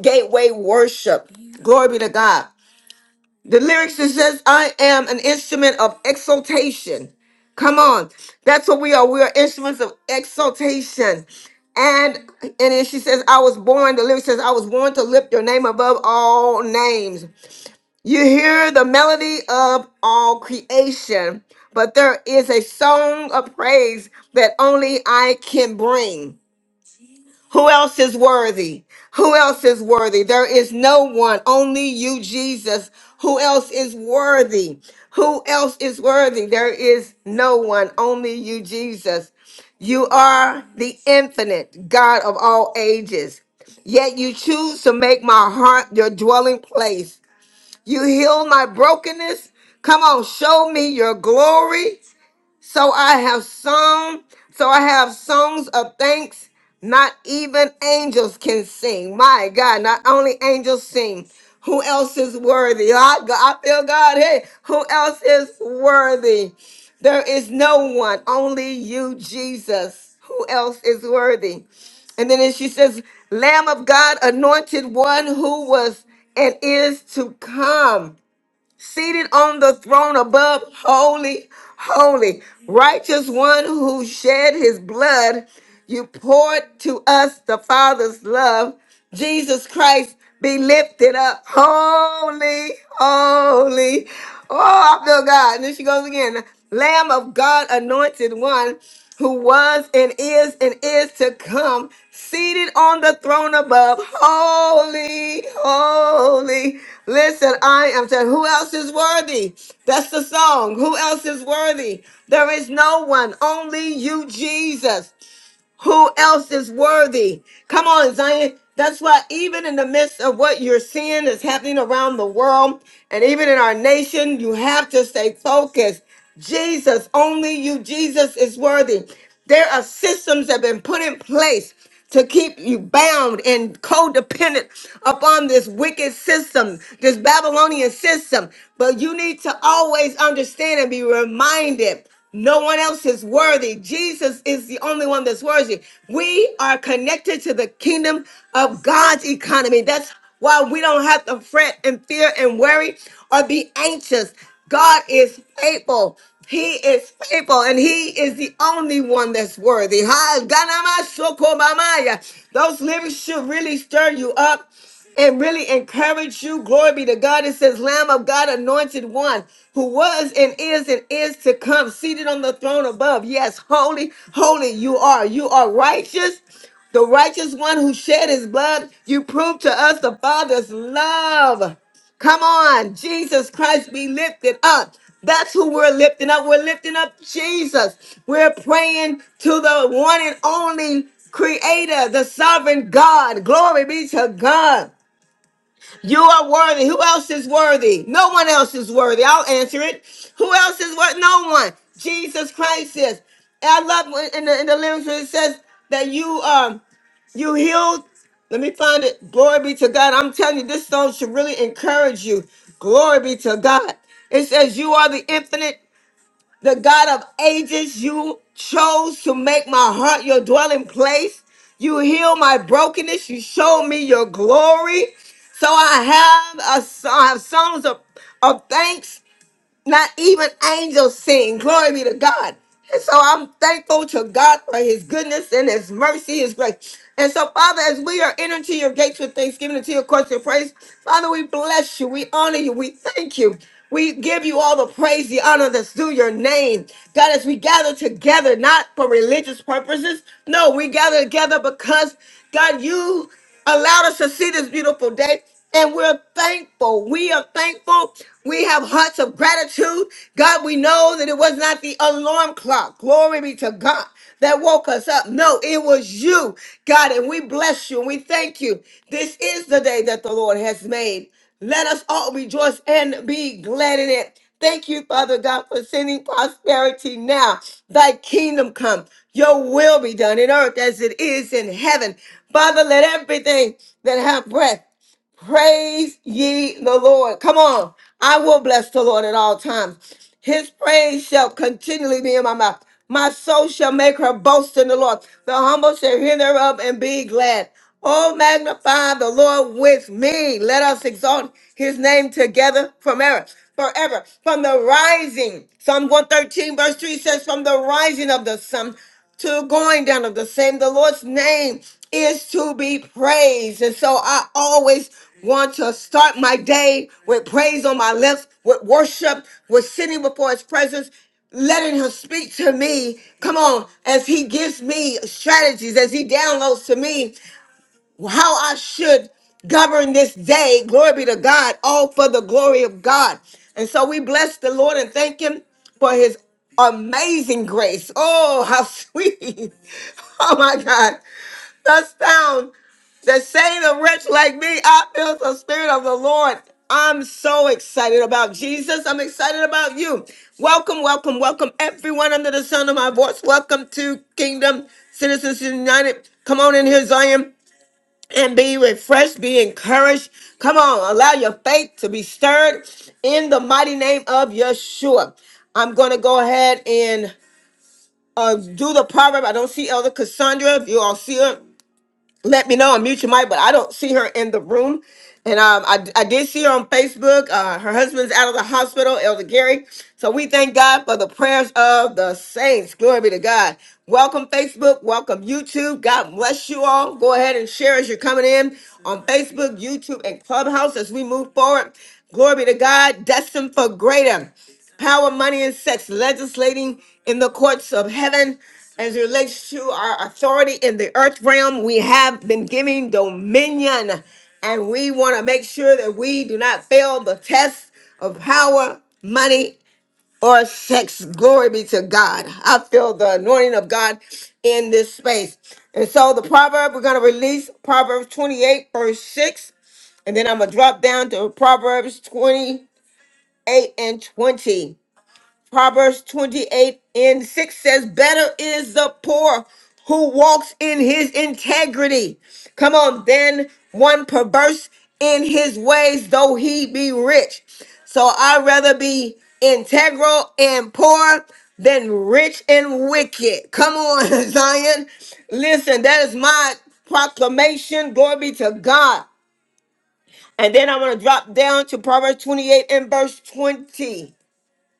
Speaker 1: gateway worship. Glory be to God. The lyrics it says, I am an instrument of exaltation. Come on. That's what we are. We are instruments of exaltation. And and then she says, I was born, the lyric says, I was born to lift your name above all names. You hear the melody of all creation, but there is a song of praise that only I can bring. Who else is worthy? Who else is worthy? There is no one, only you, Jesus. Who else is worthy? Who else is worthy? There is no one, only you, Jesus. You are the infinite God of all ages. Yet you choose to make my heart your dwelling place. You heal my brokenness. Come on, show me your glory. So I have sung, so I have songs of thanks. Not even angels can sing. My God, not only angels sing. Who else is worthy? I, I feel God. Hey, who else is worthy? There is no one, only you, Jesus. Who else is worthy? And then she says, Lamb of God, anointed one who was and is to come seated on the throne above, holy, holy, righteous one who shed his blood. You poured to us the Father's love. Jesus Christ be lifted up. Holy, holy. Oh, I feel God. And then she goes again. Lamb of God, anointed one who was and is and is to come, seated on the throne above. Holy, holy. Listen, I am saying, who else is worthy? That's the song. Who else is worthy? There is no one, only you, Jesus. Who else is worthy? Come on, Zion. That's why, even in the midst of what you're seeing is happening around the world and even in our nation, you have to stay focused. Jesus, only you, Jesus is worthy. There are systems that have been put in place to keep you bound and codependent upon this wicked system, this Babylonian system. But you need to always understand and be reminded no one else is worthy. Jesus is the only one that's worthy. We are connected to the kingdom of God's economy. That's why we don't have to fret and fear and worry or be anxious. God is faithful. He is faithful and he is the only one that's worthy. Ha, ganama soko mamaya. Those lyrics should really stir you up and really encourage you. Glory be to God. It says, Lamb of God, anointed one who was and is and is to come, seated on the throne above. Yes, holy, holy you are. You are righteous. The righteous one who shed his blood, you prove to us the Father's love. Come on, Jesus Christ be lifted up. That's who we're lifting up. We're lifting up Jesus. We're praying to the one and only creator, the sovereign God. Glory be to God. You are worthy. Who else is worthy? No one else is worthy. I'll answer it. Who else is worth? No one. Jesus Christ is. And I love when in the, in the lyrics where it says that you um you healed. Let me find it. Glory be to God. I'm telling you, this song should really encourage you. Glory be to God. It says you are the infinite the God of ages, you chose to make my heart your dwelling place. You heal my brokenness. You showed me your glory. So I have a so- I have songs of, of thanks not even angels sing. Glory be to God. And so I'm thankful to God for his goodness and his mercy, his grace. And so, Father, as we are entering to your gates with thanksgiving and to your courts of praise, Father, we bless you. We honor you. We thank you. We give you all the praise, the honor that's due your name. God, as we gather together, not for religious purposes. No, we gather together because, God, you allowed us to see this beautiful day. And we're thankful. We are thankful. We have hearts of gratitude. God, we know that it was not the alarm clock. Glory be to God that woke us up. No, it was you, God. And we bless you and we thank you. This is the day that the Lord has made. Let us all rejoice and be glad in it. Thank you, Father God, for sending prosperity now. Thy kingdom come. Your will be done in earth as it is in heaven. Father, let everything that have breath Praise ye the Lord. Come on. I will bless the Lord at all times. His praise shall continually be in my mouth. My soul shall make her boast in the Lord. The humble shall hear thereof and be glad. Oh, magnify the Lord with me. Let us exalt his name together from ever. Forever. From the rising. Psalm 113, verse 3 says, From the rising of the sun to going down of the same. The Lord's name is to be praised. And so I always want to start my day with praise on my lips, with worship, with sitting before his presence. Letting him speak to me, come on, as he gives me strategies, as he downloads to me how I should govern this day. Glory be to God, all for the glory of God. And so we bless the Lord and thank Him for His amazing grace. Oh, how sweet. Oh, my God. Thus found that saying a wretch like me, I feel the spirit of the Lord. I'm so excited about Jesus. I'm excited about you. Welcome, welcome, welcome, everyone under the sound of my voice. Welcome to Kingdom Citizens United. Come on in here, Zion and be refreshed, be encouraged. Come on, allow your faith to be stirred in the mighty name of Yeshua. I'm going to go ahead and uh, do the proverb. I don't see Elder Cassandra. If you all see her, let me know. Unmute your mic, but I don't see her in the room. And um, I, I did see her on Facebook. Uh, her husband's out of the hospital, Elder Gary. So we thank God for the prayers of the saints. Glory be to God. Welcome, Facebook. Welcome, YouTube. God bless you all. Go ahead and share as you're coming in on Facebook, YouTube, and Clubhouse as we move forward. Glory be to God. Destined for greater power, money, and sex, legislating in the courts of heaven. As it relates to our authority in the earth realm, we have been giving dominion, and we want to make sure that we do not fail the test of power, money, or sex. Glory be to God. I feel the anointing of God in this space. And so, the proverb we're going to release Proverbs 28, verse 6, and then I'm going to drop down to Proverbs 28 and 20. Proverbs 28 and 6 says, Better is the poor who walks in his integrity. Come on, then one perverse in his ways, though he be rich. So I'd rather be integral and poor than rich and wicked. Come on, Zion. Listen, that is my proclamation. Glory be to God. And then I want to drop down to Proverbs 28 and verse 20.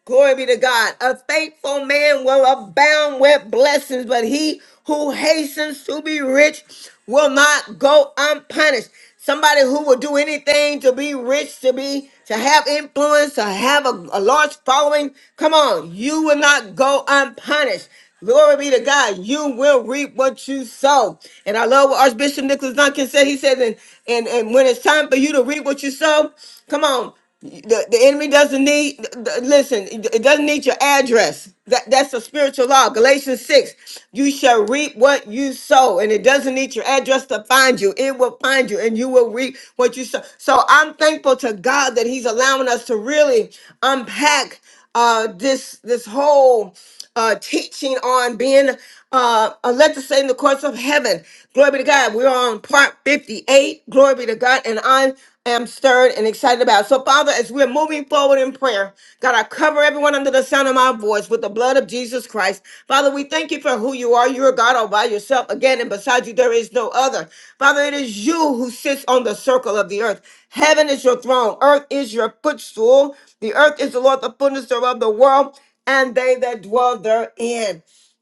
Speaker 1: Glory be to God. A faithful man will abound with blessings, but he who hastens to be rich will not go unpunished. Somebody who will do anything to be rich, to be to have influence, to have a, a large following. Come on, you will not go unpunished. Glory be to God. You will reap what you sow. And I love what Archbishop Nicholas Duncan said. He said, and, and, and when it's time for you to reap what you sow, come on. The, the enemy doesn't need, th- th- listen, it it doesn't need your address. That, that's a spiritual law. Galatians 6, you shall reap what you sow. And it doesn't need your address to find you. It will find you and you will reap what you sow. So I'm thankful to God that he's allowing us to really unpack uh, this this whole uh, teaching on being uh, uh, let us say in the courts of heaven. Glory be to God. We're on part 58. Glory be to God. And I am stirred and excited about. it. So, Father, as we're moving forward in prayer, God, I cover everyone under the sound of my voice with the blood of Jesus Christ. Father, we thank you for who you are. You're God all by yourself again, and beside you there is no other. Father, it is you who sits on the circle of the earth. Heaven is your throne, earth is your footstool. The earth is the Lord, the fullness thereof, the world, and they that dwell therein.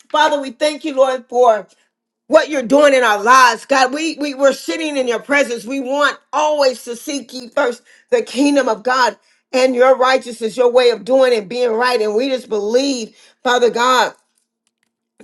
Speaker 1: Father, we thank you, Lord, for what you're doing in our lives. God, we, we we're sitting in your presence. We want always to seek ye first the kingdom of God and your righteousness, your way of doing and being right. And we just believe, Father God,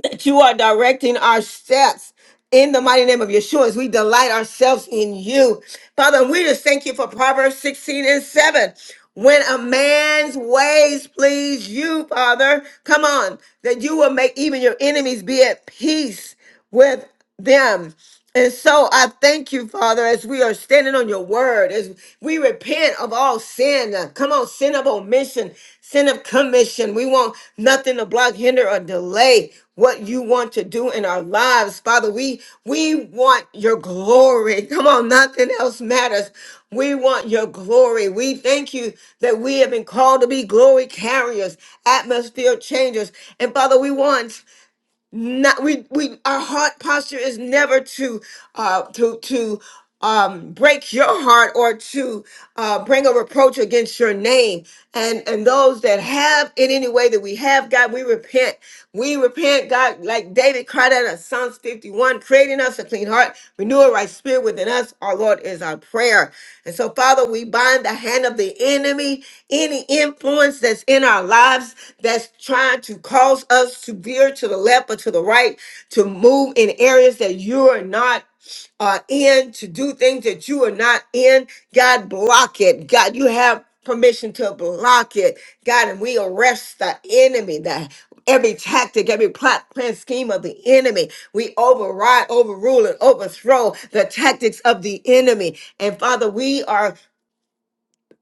Speaker 1: that you are directing our steps. In the mighty name of Yeshua, as we delight ourselves in you. Father, we just thank you for Proverbs 16 and 7. When a man's ways please you, Father, come on, that you will make even your enemies be at peace with them. And so I thank you, Father, as we are standing on your word, as we repent of all sin. Come on, sin of omission, sin of commission. We want nothing to block, hinder, or delay what you want to do in our lives. Father, we we want your glory. Come on, nothing else matters. We want your glory. We thank you that we have been called to be glory carriers, atmosphere changers. And Father, we want not we we our heart posture is never to uh to to um break your heart or to uh bring a reproach against your name and and those that have in any way that we have god we repent we repent god like david cried out in psalms 51 creating us a clean heart renew a right spirit within us our lord is our prayer and so father we bind the hand of the enemy any influence that's in our in our lives that's trying to cause us to veer to the left or to the right, to move in areas that you're not uh, in, to do things that you are not in. God, block it. God, you have permission to block it. God, and we arrest the enemy, the every tactic, every plot, plan, scheme of the enemy. We override, overrule, and overthrow the tactics of the enemy. And Father, we are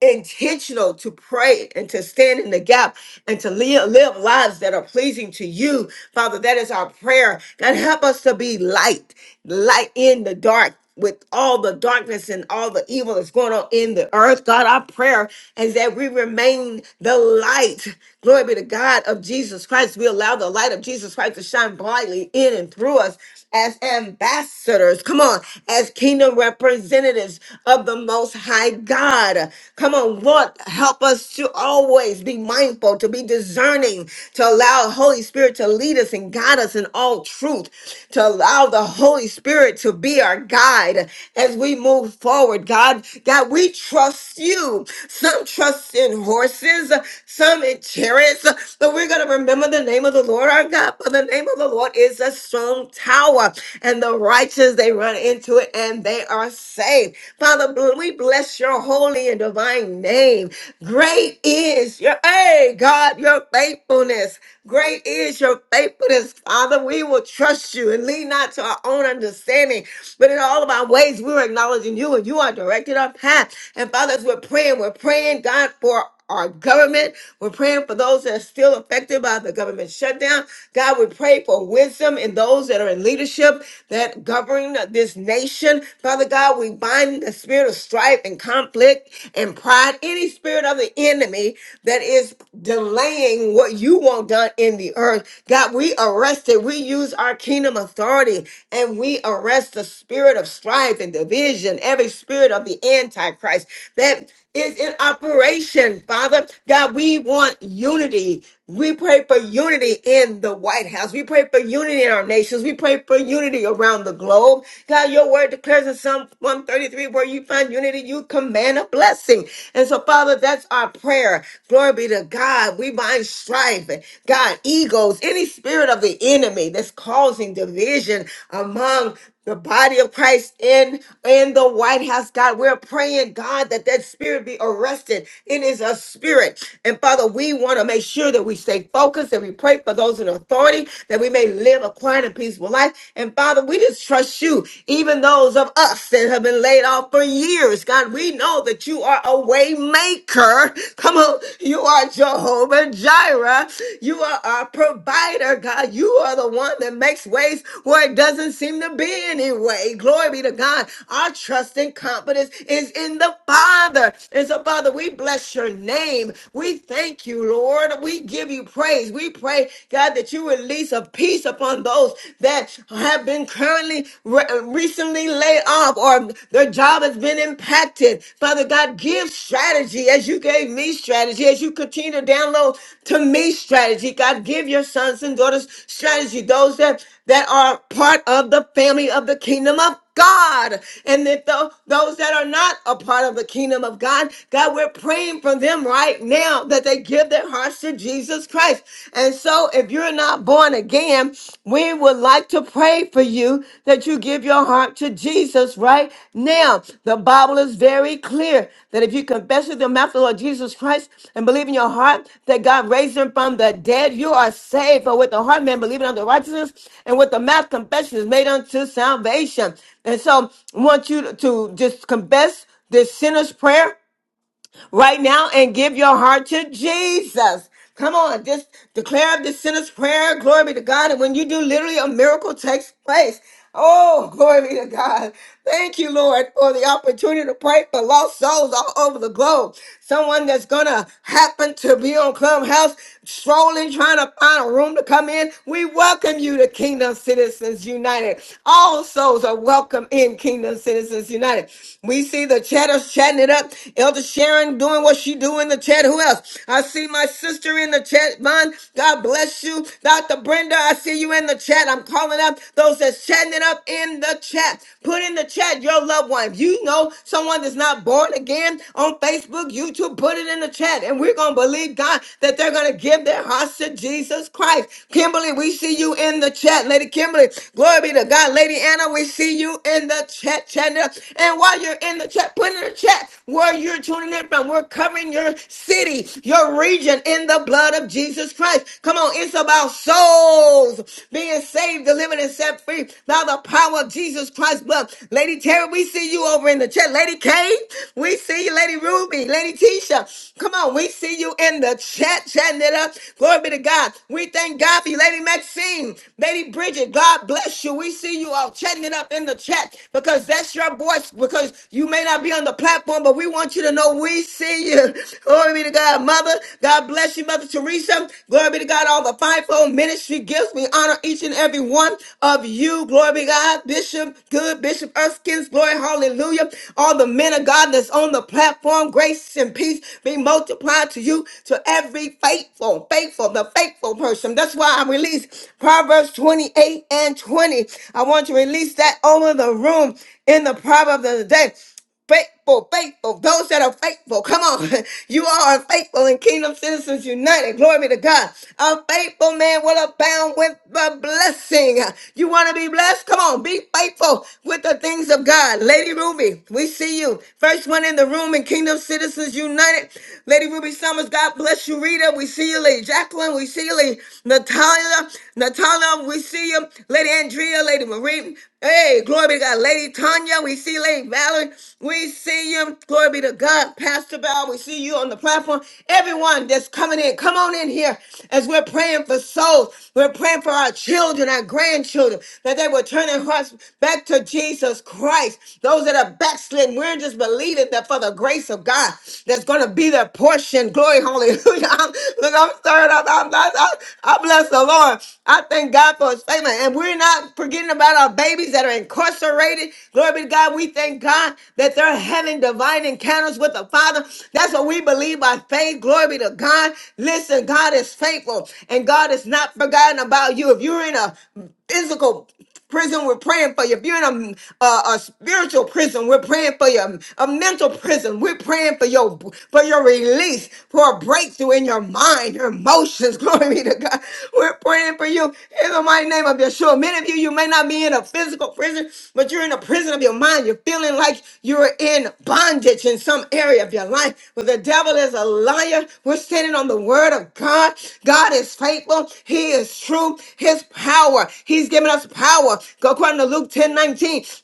Speaker 1: intentional to pray and to stand in the gap and to live, live lives that are pleasing to you, Father. That is our prayer. God, help us to be light, light in the dark. With all the darkness and all the evil that's going on in the earth, God, our prayer is that we remain the light. Glory be to God of Jesus Christ. We allow the light of Jesus Christ to shine brightly in and through us as ambassadors. Come on, as kingdom representatives of the the Most High God. Come on, Lord, help us to always be mindful, to be discerning, to allow Holy Spirit to lead us and guide us in all truth, to allow the Holy Spirit to be our guide as we move forward. God, God, we trust you. Some trust in horses, some in chariots, but we're going to remember the name of the Lord our God. For the name of the Lord is a strong tower, and the righteous they run into it, and and they are saved. Father, bl- we bless your holy and divine name. Great is your, hey, God, your faithfulness. Great is your faithfulness, Father. We will trust you and lean not to our own understanding, but in all of our ways, we're acknowledging you and you are directing our path. And Father, as we're praying, we're praying, God, for our government. We're praying for those that are still affected by the government shutdown. God, we pray for wisdom in those that are in leadership that govern this nation. Father God, we bind the spirit of strife and conflict and pride, any spirit of the enemy that is delaying what you want done in the earth. God, we arrest it. We use our kingdom authority and we arrest the spirit of strife and division, every spirit of the Antichrist that is in operation action, Father. God, we want unity. We pray for unity in the White House. We pray for unity in our nations. We pray for unity around the globe. God, your word declares in Psalm 133 where you find unity, you command a blessing. And so, Father, that's our prayer. Glory be to God. We bind strife, God, egos, any spirit of the enemy that's causing division among the body of Christ in in the White House, God. We're praying, God, that that spirit be arrested it is a spirit. And Father, we want to make sure that we stay focused and we pray for those in authority that we may live a quiet and peaceful life. And Father, we just trust you, even those of us that have been laid off for years. God, we know that you are a way maker. Come on. You are Jehovah Jireh. You are our provider, God. You are the one that makes ways where it doesn't seem to be any way. Glory be to God. Our trust and confidence is in the Father. And so, Father, Father, we bless your name. We thank you, Lord. We give you praise. We pray, God, that you release a peace upon those that have been currently re- recently laid off or their job has been impacted. Father God, give strategy as you gave me strategy, as you continue to download to me strategy. God, give your sons and daughters strategy, those that, that are part of the family of the kingdom of God. And that tho- those that are not a part of the kingdom of God, God, we're praying for them right now that they give their hearts to Jesus Christ. And so, if you're not born again, we would like to pray for you that you give your heart to Jesus right now. The Bible is very clear that if you confess with your mouth the Lord Jesus Christ and believe in your heart that God raised him from the dead, you are saved. For with the heart man believing unto righteousness, and with the mouth confession is made unto salvation. And so, I want you to just confess this sinner's prayer right now and give your heart to Jesus. Come on, just declare the sinner's prayer. Glory be to God. And when you do, literally a miracle takes place. Oh, glory be to God. Thank you, Lord, for the opportunity to pray for lost souls all over the globe. Someone that's going to happen to be on Clubhouse, strolling, trying to find a room to come in. We welcome you to Kingdom Citizens United. All souls are welcome in Kingdom Citizens United. We see the chatters chatting chatting it up. Elder Sharon doing what she do in the chat. Who else? I see my sister in the chat. Von, God bless you. Dr. Brenda, I see you in the chat. I'm calling up those that's chatting it up in the chat. Put in the chat your loved one. If you know someone that's not born again on Facebook, YouTube, put it in the chat. And we're going to believe God that they're going to give their hearts to Jesus Christ. Kimberly, we see you in the chat. Lady Kimberly, glory be to God. Lady Anna, we see you in the chat. chat. And while you're in the chat, put in the chat where you're tuning in from. We're covering your city, your region in the blood of Jesus Christ. Come on, it's about souls being saved, delivered, and set free by the power of Jesus Christ's blood. Lady Terry, we see you over in the chat. Lady Kay, we see you. Lady Ruby, Lady Tisha, come on, we see you in the chat. Chatting it up. Glory be to God. We thank God for you, Lady Maxine, Lady Bridget. God bless you. We see you all chatting it up in the chat because because that's your voice. Because you may not be on the platform, but we want you to know we see you. Glory be to God, Mother. God bless you, Mother Teresa. Glory be to God, all the fivefold ministry gifts. We honor each and every one of you. Glory be to God, Bishop Good, Bishop Erskine's glory, hallelujah. All the men of God that's on the platform, grace and peace be multiplied to you, to every faithful, faithful, the faithful person. That's why I release Proverbs 28 and 20. I want to release release that over the room in the proverb of the day. Faithful, faithful, those that are faithful. Come on. You all are faithful in Kingdom Citizens United. Glory be to God. A faithful man will abound with the blessing. You want to be blessed? Come on. Be faithful with the things of God. Lady Ruby, we see you. First one in the room in Kingdom Citizens United. Lady Ruby Summers, God bless you. Rita, we see you. Lady Jacqueline, we see you. Lady Natalia, Natalia, we see you. Lady Andrea, Lady Marie. Hey, glory be to God. Lady Tanya, we see Lady Valerie. We see you. Glory be to God. Pastor Val, we see you on the platform. Everyone that's coming in, come on in here as we're praying for souls. We're praying for our children, our grandchildren, that they will turn their hearts back to Jesus Christ. Those that are backslidden, we're just believing that for the grace of God that's going to be their portion. Glory, hallelujah. I'm, look, I'm stirred up. I'm, I, I, bless the Lord. I thank God for his faithfulness. And we're not forgetting about our babies that are incarcerated. Glory be to God. We thank God that they're having divine encounters with the Father. That's what we believe by faith. Glory be to God. Listen, God is faithful and God is not forgotten about you. If you're in a physical prison, we're praying for you. If you're in a, a, a spiritual prison, we're praying for you. A mental prison, we're praying for your for your release, for a breakthrough in your mind, your emotions. Glory be to God. We're praying for you in the mighty name of Yeshua. Many of you, you may not be in a physical prison, but you're in a prison of your mind. You're feeling like you're in bondage in some area of your life, but the devil devil is a liar. We're standing on the word of God. God is faithful. He is true. His power. He's given us power. Go according to Luke ten nineteen.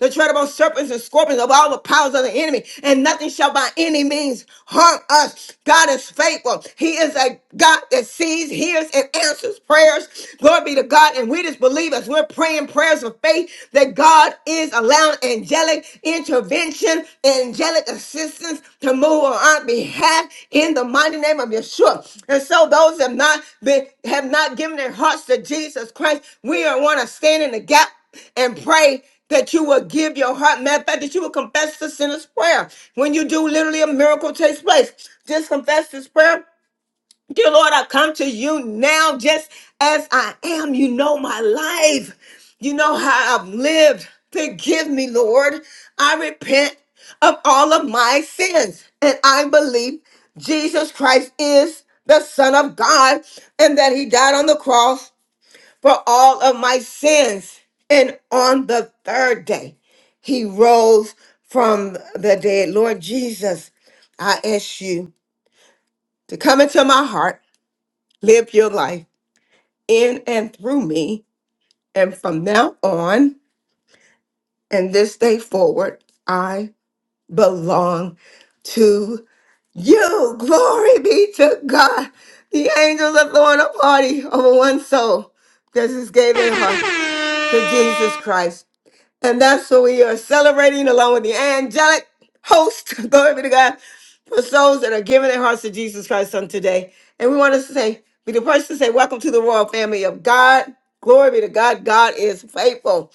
Speaker 1: The tread upon serpents and scorpions of all the powers of the enemy, and nothing shall by any means harm us. God is faithful. He is a God that sees, hears, and answers prayers. Glory be to God. And we just believe as we're praying prayers of faith faith that God is allowing angelic intervention, angelic assistance to move on our behalf in the mighty name of Yeshua. And so those have not been have not given their hearts to Jesus Christ, we are want to stand in the gap and pray that you will give your heart. Matter of fact, that you will confess the sinner's prayer. When you do, literally a miracle takes place. Just confess this prayer Dear Lord, I come to you now just as I am. You know my life. You know how I've lived. Forgive me, Lord. I repent of all of my sins. And I believe Jesus Christ is the Son of God and that He died on the cross for all of my sins. And on the third day, He rose from the dead. Lord Jesus, I ask you to come into my heart, live your life in and through me. And from now on and this day forward, I belong to you. Glory be to God. The angels are throwing a party over one soul that is given her to Jesus Christ. And that's what we are celebrating along with the angelic host. Glory be to God for souls that are giving their hearts to Jesus Christ on today. And we want us to say, be the person to say, Welcome to the royal family of God. Glory be to God. God is faithful.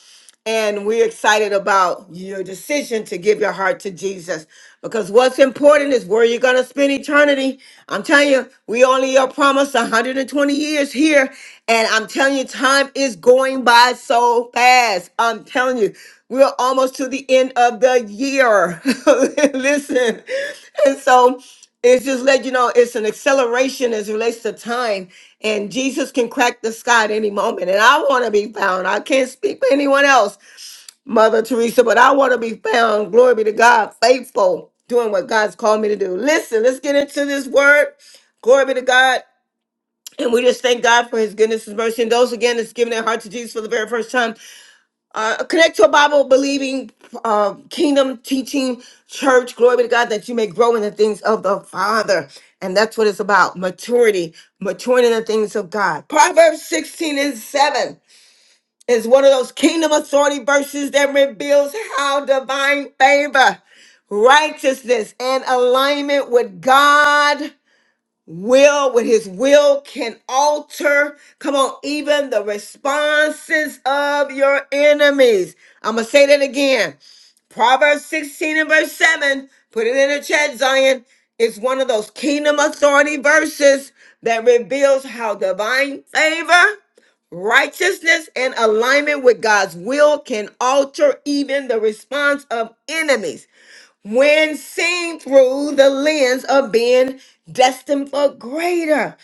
Speaker 1: And we're excited about your decision to give your heart to Jesus because what's important is where you're going to spend eternity. I'm telling you, we only are promised 120 years here. And I'm telling you, time is going by so fast. I'm telling you, we're almost to the end of the year. Listen. And so, it's just let you know it's an acceleration as it relates to time, and Jesus can crack the sky at any moment. And I want to be found. I can't speak for anyone else, Mother Teresa, but I want to be found. Glory be to God, faithful, doing what God's called me to do. Listen, let's get into this word. Glory be to God. And we just thank God for his goodness, his mercy, and those again that's giving their heart to Jesus for the very first time. Uh, connect to a Bible believing, uh, kingdom teaching church. Glory be to God that you may grow in the things of the Father. And that's what it's about maturity, maturing in the things of God. Proverbs 16 and 7 is one of those kingdom authority verses that reveals how divine favor, righteousness, and alignment with God will with his will can alter come on even the responses of your enemies i'm gonna say that again proverbs 16 and verse 7 put it in the chat zion it's one of those kingdom authority verses that reveals how divine favor righteousness and alignment with god's will can alter even the response of enemies when seen through the lens of being destined for greater.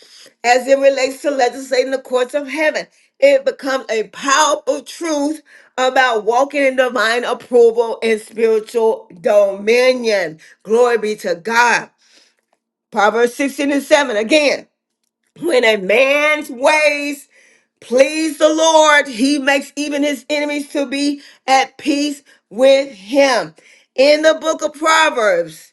Speaker 1: As it relates to legislating the courts of heaven, it becomes a powerful truth about walking in divine approval and spiritual dominion. Glory be to God. Proverbs 16 and 7 again. When a man's ways please the Lord, he makes even his enemies to be at peace with him. In the book of Proverbs,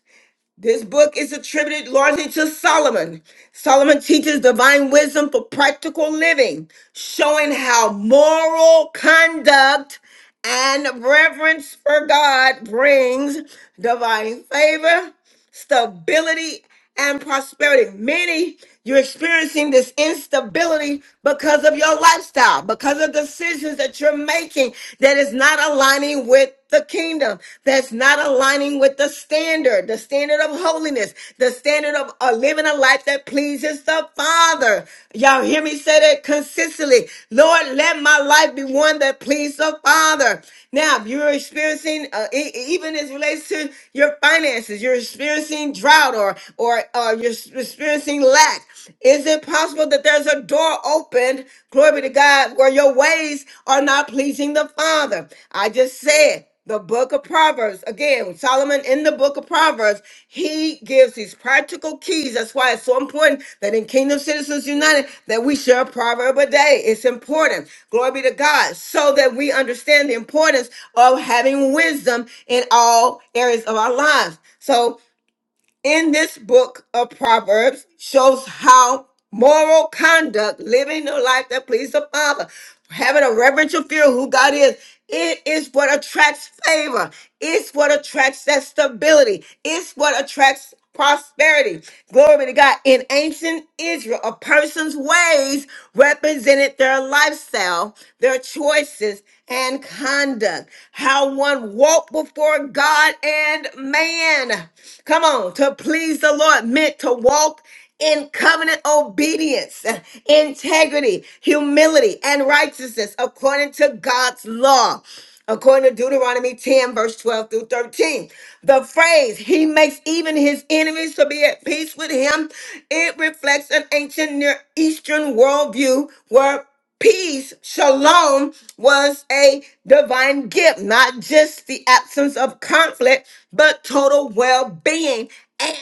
Speaker 1: this book is attributed largely to Solomon. Solomon teaches divine wisdom for practical living, showing how moral conduct and reverence for God brings divine favor stability and prosperity. Many, you're experiencing this instability because of your lifestyle, because of decisions that you're making that is not aligning with the kingdom, that's not aligning with the standard, the standard of holiness, the standard of uh, living a life that pleases the Father. Y'all hear me say that consistently. Lord, let my life be one that pleases the Father. Now, if you're experiencing, uh, e- even as it relates to your finances, you're experiencing experiencing drought or or uh, you're s- experiencing lack, is it possible that there's a door opened, glory be to God, where your ways are not pleasing the Father? I just said the book of Proverbs. Again, Solomon in the book of Proverbs, he gives these practical keys. That's why it's so important that in Kingdom Citizens United that we share a proverb a day. It's important. Glory be to God. So that we understand the importance of having wisdom in all areas of our lives. So in this book of Proverbs shows how moral conduct, living a life that pleases the Father, having a reverential fear of who God is, it is what attracts favor. It's what attracts that stability. It's what attracts prosperity. Glory to God. In ancient Israel, a person's ways represented their lifestyle, their choices, and conduct. How one walked before God and man. Come on, to please the Lord meant to walk in covenant obedience, integrity, humility, and righteousness according to God's law. According to Deuteronomy 10, verse 12 through 13, the phrase, he makes even his enemies to be at peace with him, it reflects an ancient Near Eastern worldview where peace, shalom, was a divine gift, not just the absence of conflict, but total well being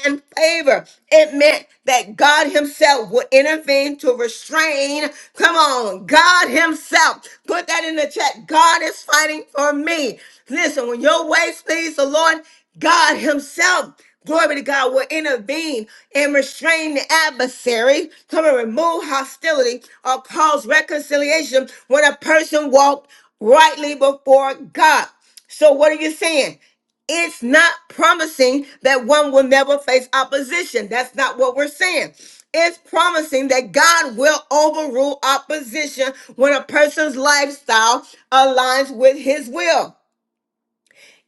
Speaker 1: and favor. It meant that God Himself would intervene to restrain. Come on, God Himself. Put that in the chat. God is fighting for me. Listen, when your ways please the Lord, God Himself glory be to God, will intervene and restrain the adversary, come and remove hostility or cause reconciliation when a person walked rightly before God. So, what are you saying? it's not promising that one will never face opposition. That's not what we're saying. It's promising that God will overrule opposition when a person's lifestyle aligns with his will.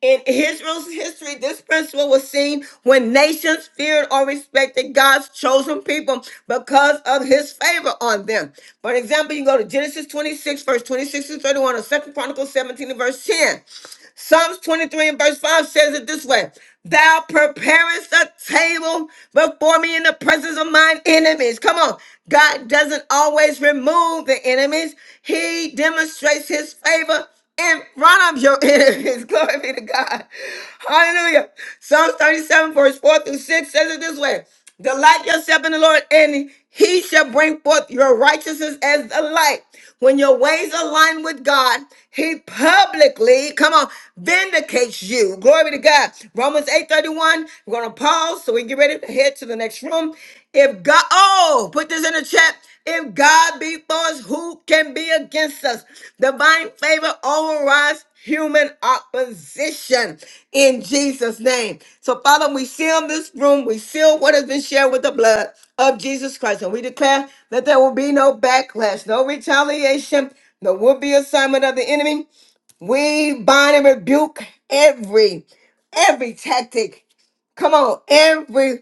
Speaker 1: In Israel's history, this principle was seen when nations feared or respected God's chosen people because of his favor on them. For example, you go to Genesis 26, verse 26 and 31, or Second Chronicles 17 and verse 10. Psalms 23 and verse 5 says it this way Thou preparest a table before me in the presence of mine enemies. Come on. God doesn't always remove the enemies, He demonstrates His favor in front of your enemies. Glory be to God. Hallelujah. Psalms 37, verse 4 through 6 says it this way Delight yourself in the Lord, and he shall bring forth your righteousness as the light. When your ways align with God, he publicly, come on, vindicates you. Glory be to God. Romans 8:31. We're going to pause so we can get ready to head to the next room. If God, oh, put this in the chat. If God be for us, who can be against us? Divine favor overrides human opposition in Jesus' name. So, Father, we seal this room. We seal what has been shared with the blood of Jesus Christ. And we declare that there will be no backlash, no retaliation, no will be assignment of the enemy. We bind and rebuke every every tactic. Come on, every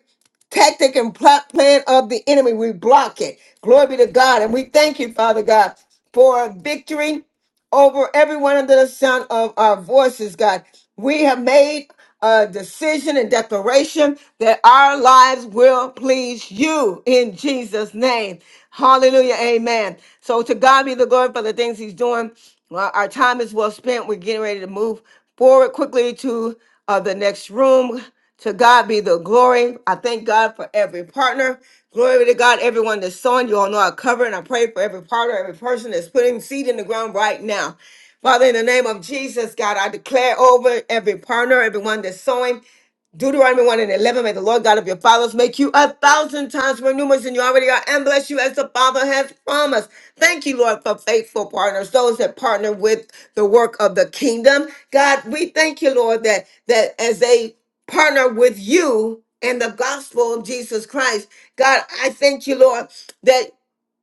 Speaker 1: tactic and plot plan of the enemy. We block it. Glory be to God. And we thank you, Father God, for victory over everyone under the sound of our voices, God. We have made a decision and declaration that our lives will please you in Jesus' name. Hallelujah. Amen. So to God be the glory for the things he's doing. Well, our time is well spent. We're getting ready to move forward quickly to uh, the next room. To God be the glory. I thank God for every partner. Glory be to God, everyone that's sowing. You all know I cover and I pray for every partner, every person that's putting seed in the ground right now. Father, in the name of Jesus, God, I declare over every partner, everyone that's sowing. Deuteronomy 1 and 11, may the Lord God of your fathers make you a thousand times more numerous than you already are and bless you as the Father has promised. Thank you, Lord, for faithful partners, those that partner with the work of the kingdom. God, we thank you, Lord, that, that as they partner with you and the gospel of Jesus Christ, God, I thank you, Lord, that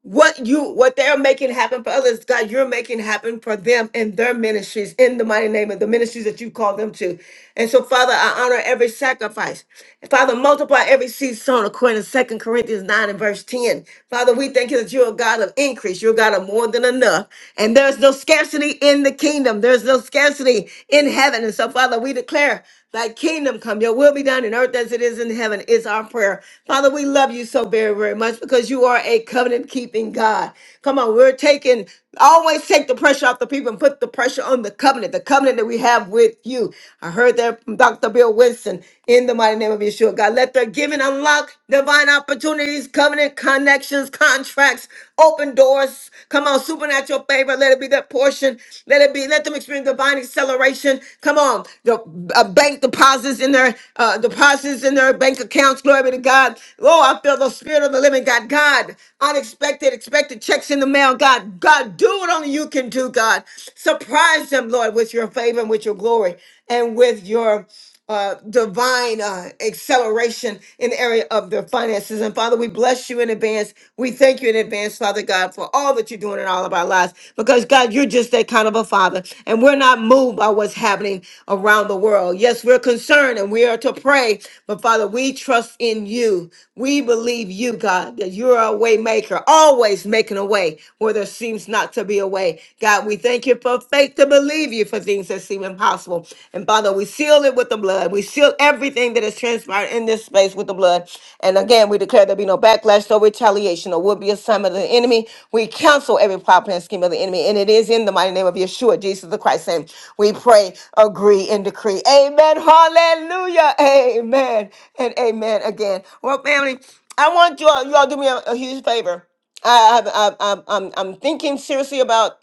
Speaker 1: what you what they're making happen for others god you're making happen for them and their ministries in the mighty name of the ministries that you call them to and so father i honor every sacrifice father multiply every seed sown according to Second corinthians 9 and verse 10 father we thank you that you're a god of increase you're a god of more than enough and there's no scarcity in the kingdom there's no scarcity in heaven and so father we declare Thy kingdom come, your will be done in earth as it is in heaven, is our prayer. Father, we love you so very, very much because you are a covenant keeping God. Come on, we're taking, always take the pressure off the people and put the pressure on the covenant, the covenant that we have with you. I heard that from Dr. Bill Winston in the mighty name of Yeshua. God, let their giving unlock divine opportunities, covenant connections, contracts, open doors. Come on, supernatural favor. let let it be that portion. Let it be. Let them experience divine acceleration. Come on, the uh, bank deposits in their uh, deposits in their bank accounts. Glory be to God. Oh, I feel the spirit of the living God. God, unexpected, expected checks in the mail. God, God, do what only you can do. God, surprise them, Lord, with your favor and with your glory and with your uh, divine uh, acceleration in the area of their finances. And Father, we bless you in advance. We thank you in advance, Father God, for all that you're doing in all of our lives. Because God, you're just that kind of a father, and we're not moved by what's happening around the world. Yes, we're concerned and we are to pray, but Father, we trust in you. We believe you, God, that you're a way maker, always making a way where there seems not to be a way. God, we thank you for faith to believe you for things things that seem impossible. And Father, we seal it with the blood. We seal everything that has transpired in this space with the blood. And again, we declare there be no backlash, no retaliation, or will be assignment of the enemy. We cancel every plot, plan, scheme of the enemy. And it is in the mighty name of Yeshua, Jesus the Christ. And we pray, agree, and decree. Amen. Hallelujah. Amen. And amen again. Well, family, I want you all, you all do me a, a huge favor. I, I, I, I'm, I'm I'm thinking seriously about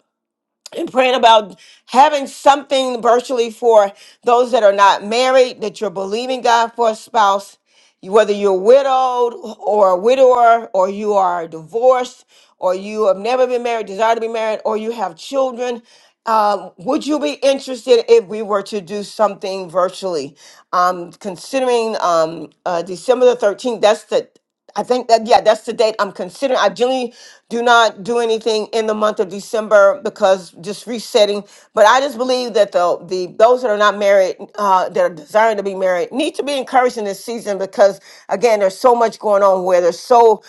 Speaker 1: and praying about having something virtually for those that are not married, that you're believing God for a spouse, whether you're widowed or a widower, or you are divorced, or you have never been married, desire to be married, or you have children. Um, would you be interested if we were to do something virtually? Um, considering um, uh, December the 13th, that's the I think that yeah, that's the date I'm considering. I generally do not do anything in the month of December because just resetting. But I just believe that the the those that are not married, uh, that are desiring to be married, need to be encouraged in this season because again, there's so much going on where there's so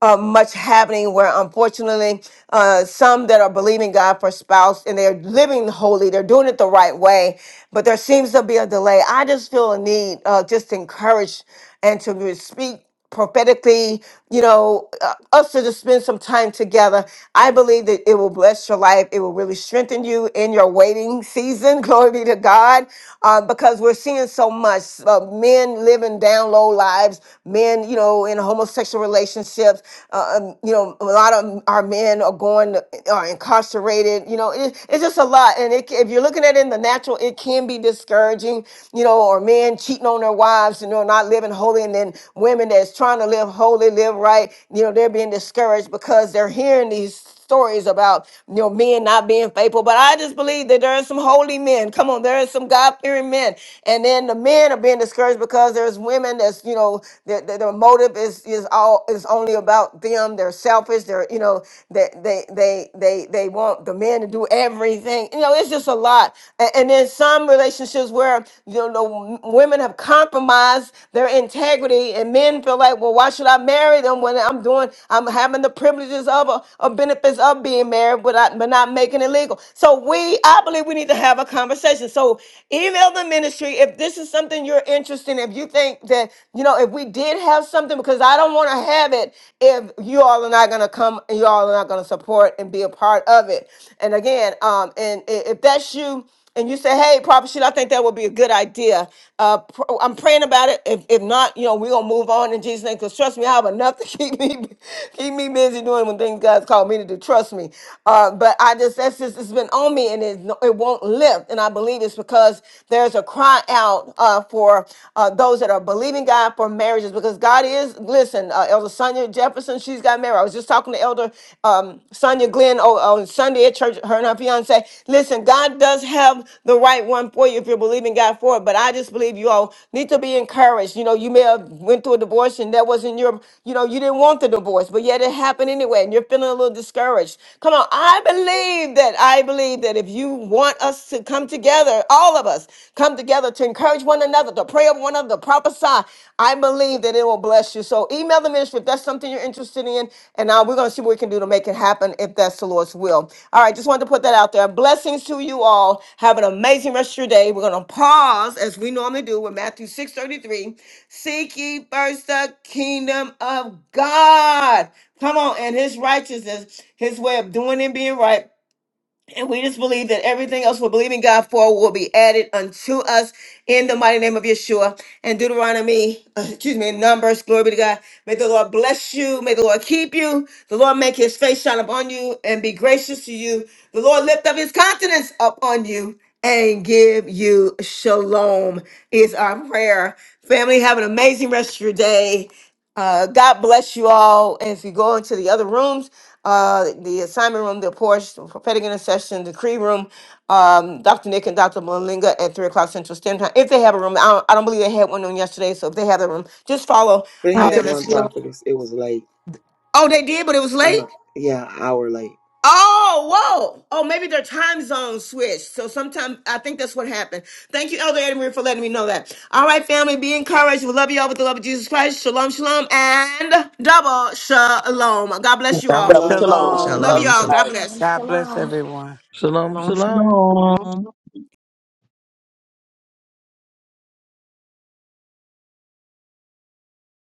Speaker 1: uh, much happening where unfortunately uh, some that are believing God for spouse and they're living holy, they're doing it the right way, but there seems to be a delay. I just feel a need uh, just to encourage and to re- speak prophetically, you know, uh, us to just spend some time together. I believe that it will bless your life. It will really strengthen you in your waiting season. Glory be to God. Uh, because we're seeing so much uh, men living down low lives, men, you know, know, in homosexual relationships. Uh, um, you know, a lot of our men are going to, are incarcerated. You know, it, it's just a lot. And it, if you're looking at it in the natural, it can be discouraging. You know, or men cheating on their wives, you know, not living holy, and then women that's trying to live holy, live right. You know, they're being discouraged because they're hearing these stories about you know men not being faithful, but I just believe that there are some holy men. Come on, there are some God fearing men, and then the men are being discouraged because there's women that's you know that that their motive is is all is only about them. They're selfish. They're you know that they they they they want the men to do everything. You know, it's just a lot. A- And, then some relationships where you know the women have compromised their integrity integrity, and men feel like, well, why should I marry them when I'm doing, I'm having the privileges of or, or benefits of being married, but I, but not making it legal. So we, I believe, we need to have a conversation. So email the ministry if this is something you're interested in. If you think that you know, if we did have something, because I don't want to have it if you all are not going to come, you all are not going to support and be a part of it. And again, um, and i- if that's you and you say, "Hey, Prophet Sheila, I think that would be a good idea. Uh, pr- I'm praying about it. If, if not, you know, we're gonna move on in Jesus' name. Cause trust me, I have enough to keep me keep me busy doing when things God's called me to do. Trust me. Uh, but I just that's just it's been on me, and it no, it won't lift. And I believe it's because there's a cry out uh, for uh, those that are believing God for marriages. Because God is listen, uh, Elder Sonia Jefferson, she's got married. I was just talking to Elder um, Sonia Glenn on, on Sunday at church, her and her fiance. Listen, God does have the right one for you if you're believing God for it, but I just believe you all need to be encouraged. You know, you may have went through a divorce and that wasn't your, you know, you didn't want the divorce, but yet it happened anyway and you're feeling a little discouraged. Come on, I believe that, I believe that if you want us to come together, all of us, come together to encourage one another, together, to pray of one another, the prophesy. I believe that it will bless you. So email the ministry if that's something you're interested in, and uh, we're going to see what we can do to make it happen if that's the Lord's will. All right, just wanted to put that out there. Blessings to you all. Have an amazing rest of your day. We're going to pause as we normally do with Matthew 6:33. Seek ye first the kingdom of God. Come on, and his righteousness, his way of doing and being right and we just believe that everything else we're believing God for will be added unto us in the mighty name of Yeshua. And Deuteronomy, uh, excuse me, Numbers, glory be to God. May the Lord bless you. May the Lord keep you. The Lord make his face shine upon you and be gracious to you. The Lord lift up his countenance upon you and give you shalom, is our prayer. Family, have an amazing rest of your day. Uh, God bless you all. And if you go into the other rooms, uh, the assignment room, the porch, the prophetic intercession, decree room, um, Dr. Nick and Dr. Malinga at 3 o'clock Central Standard Time. If they have a room, I don't, I don't believe they had one on yesterday. So if they have a room, just follow
Speaker 5: They
Speaker 1: uh,
Speaker 5: had
Speaker 1: them.
Speaker 5: one
Speaker 1: As,
Speaker 16: feel?
Speaker 5: prophetess. It was late.
Speaker 1: oh, they did, but it was
Speaker 5: Uh
Speaker 1: late?
Speaker 5: huh. Yeah, hour late.
Speaker 1: Oh, whoa. Oh, maybe their time zone switched. So sometimes I think that's what happened. Thank you, Elder Edmund, for letting me know that. All right, family, be encouraged. We love you all with the love of Jesus Christ. Shalom, shalom, and double shalom. God bless you
Speaker 2: That was
Speaker 1: all.
Speaker 7: Double
Speaker 5: Shalom,
Speaker 7: shalom.
Speaker 2: shalom.
Speaker 1: Love
Speaker 5: shalom.
Speaker 7: Love
Speaker 1: you
Speaker 9: Shalom, shalom.
Speaker 7: you
Speaker 1: all. God
Speaker 7: guys.
Speaker 1: bless.
Speaker 17: Shalom,
Speaker 2: God bless
Speaker 17: shalom.
Speaker 2: everyone.
Speaker 18: Shalom,
Speaker 19: Shalom,
Speaker 18: shalom.
Speaker 19: shalom.
Speaker 12: Jesus.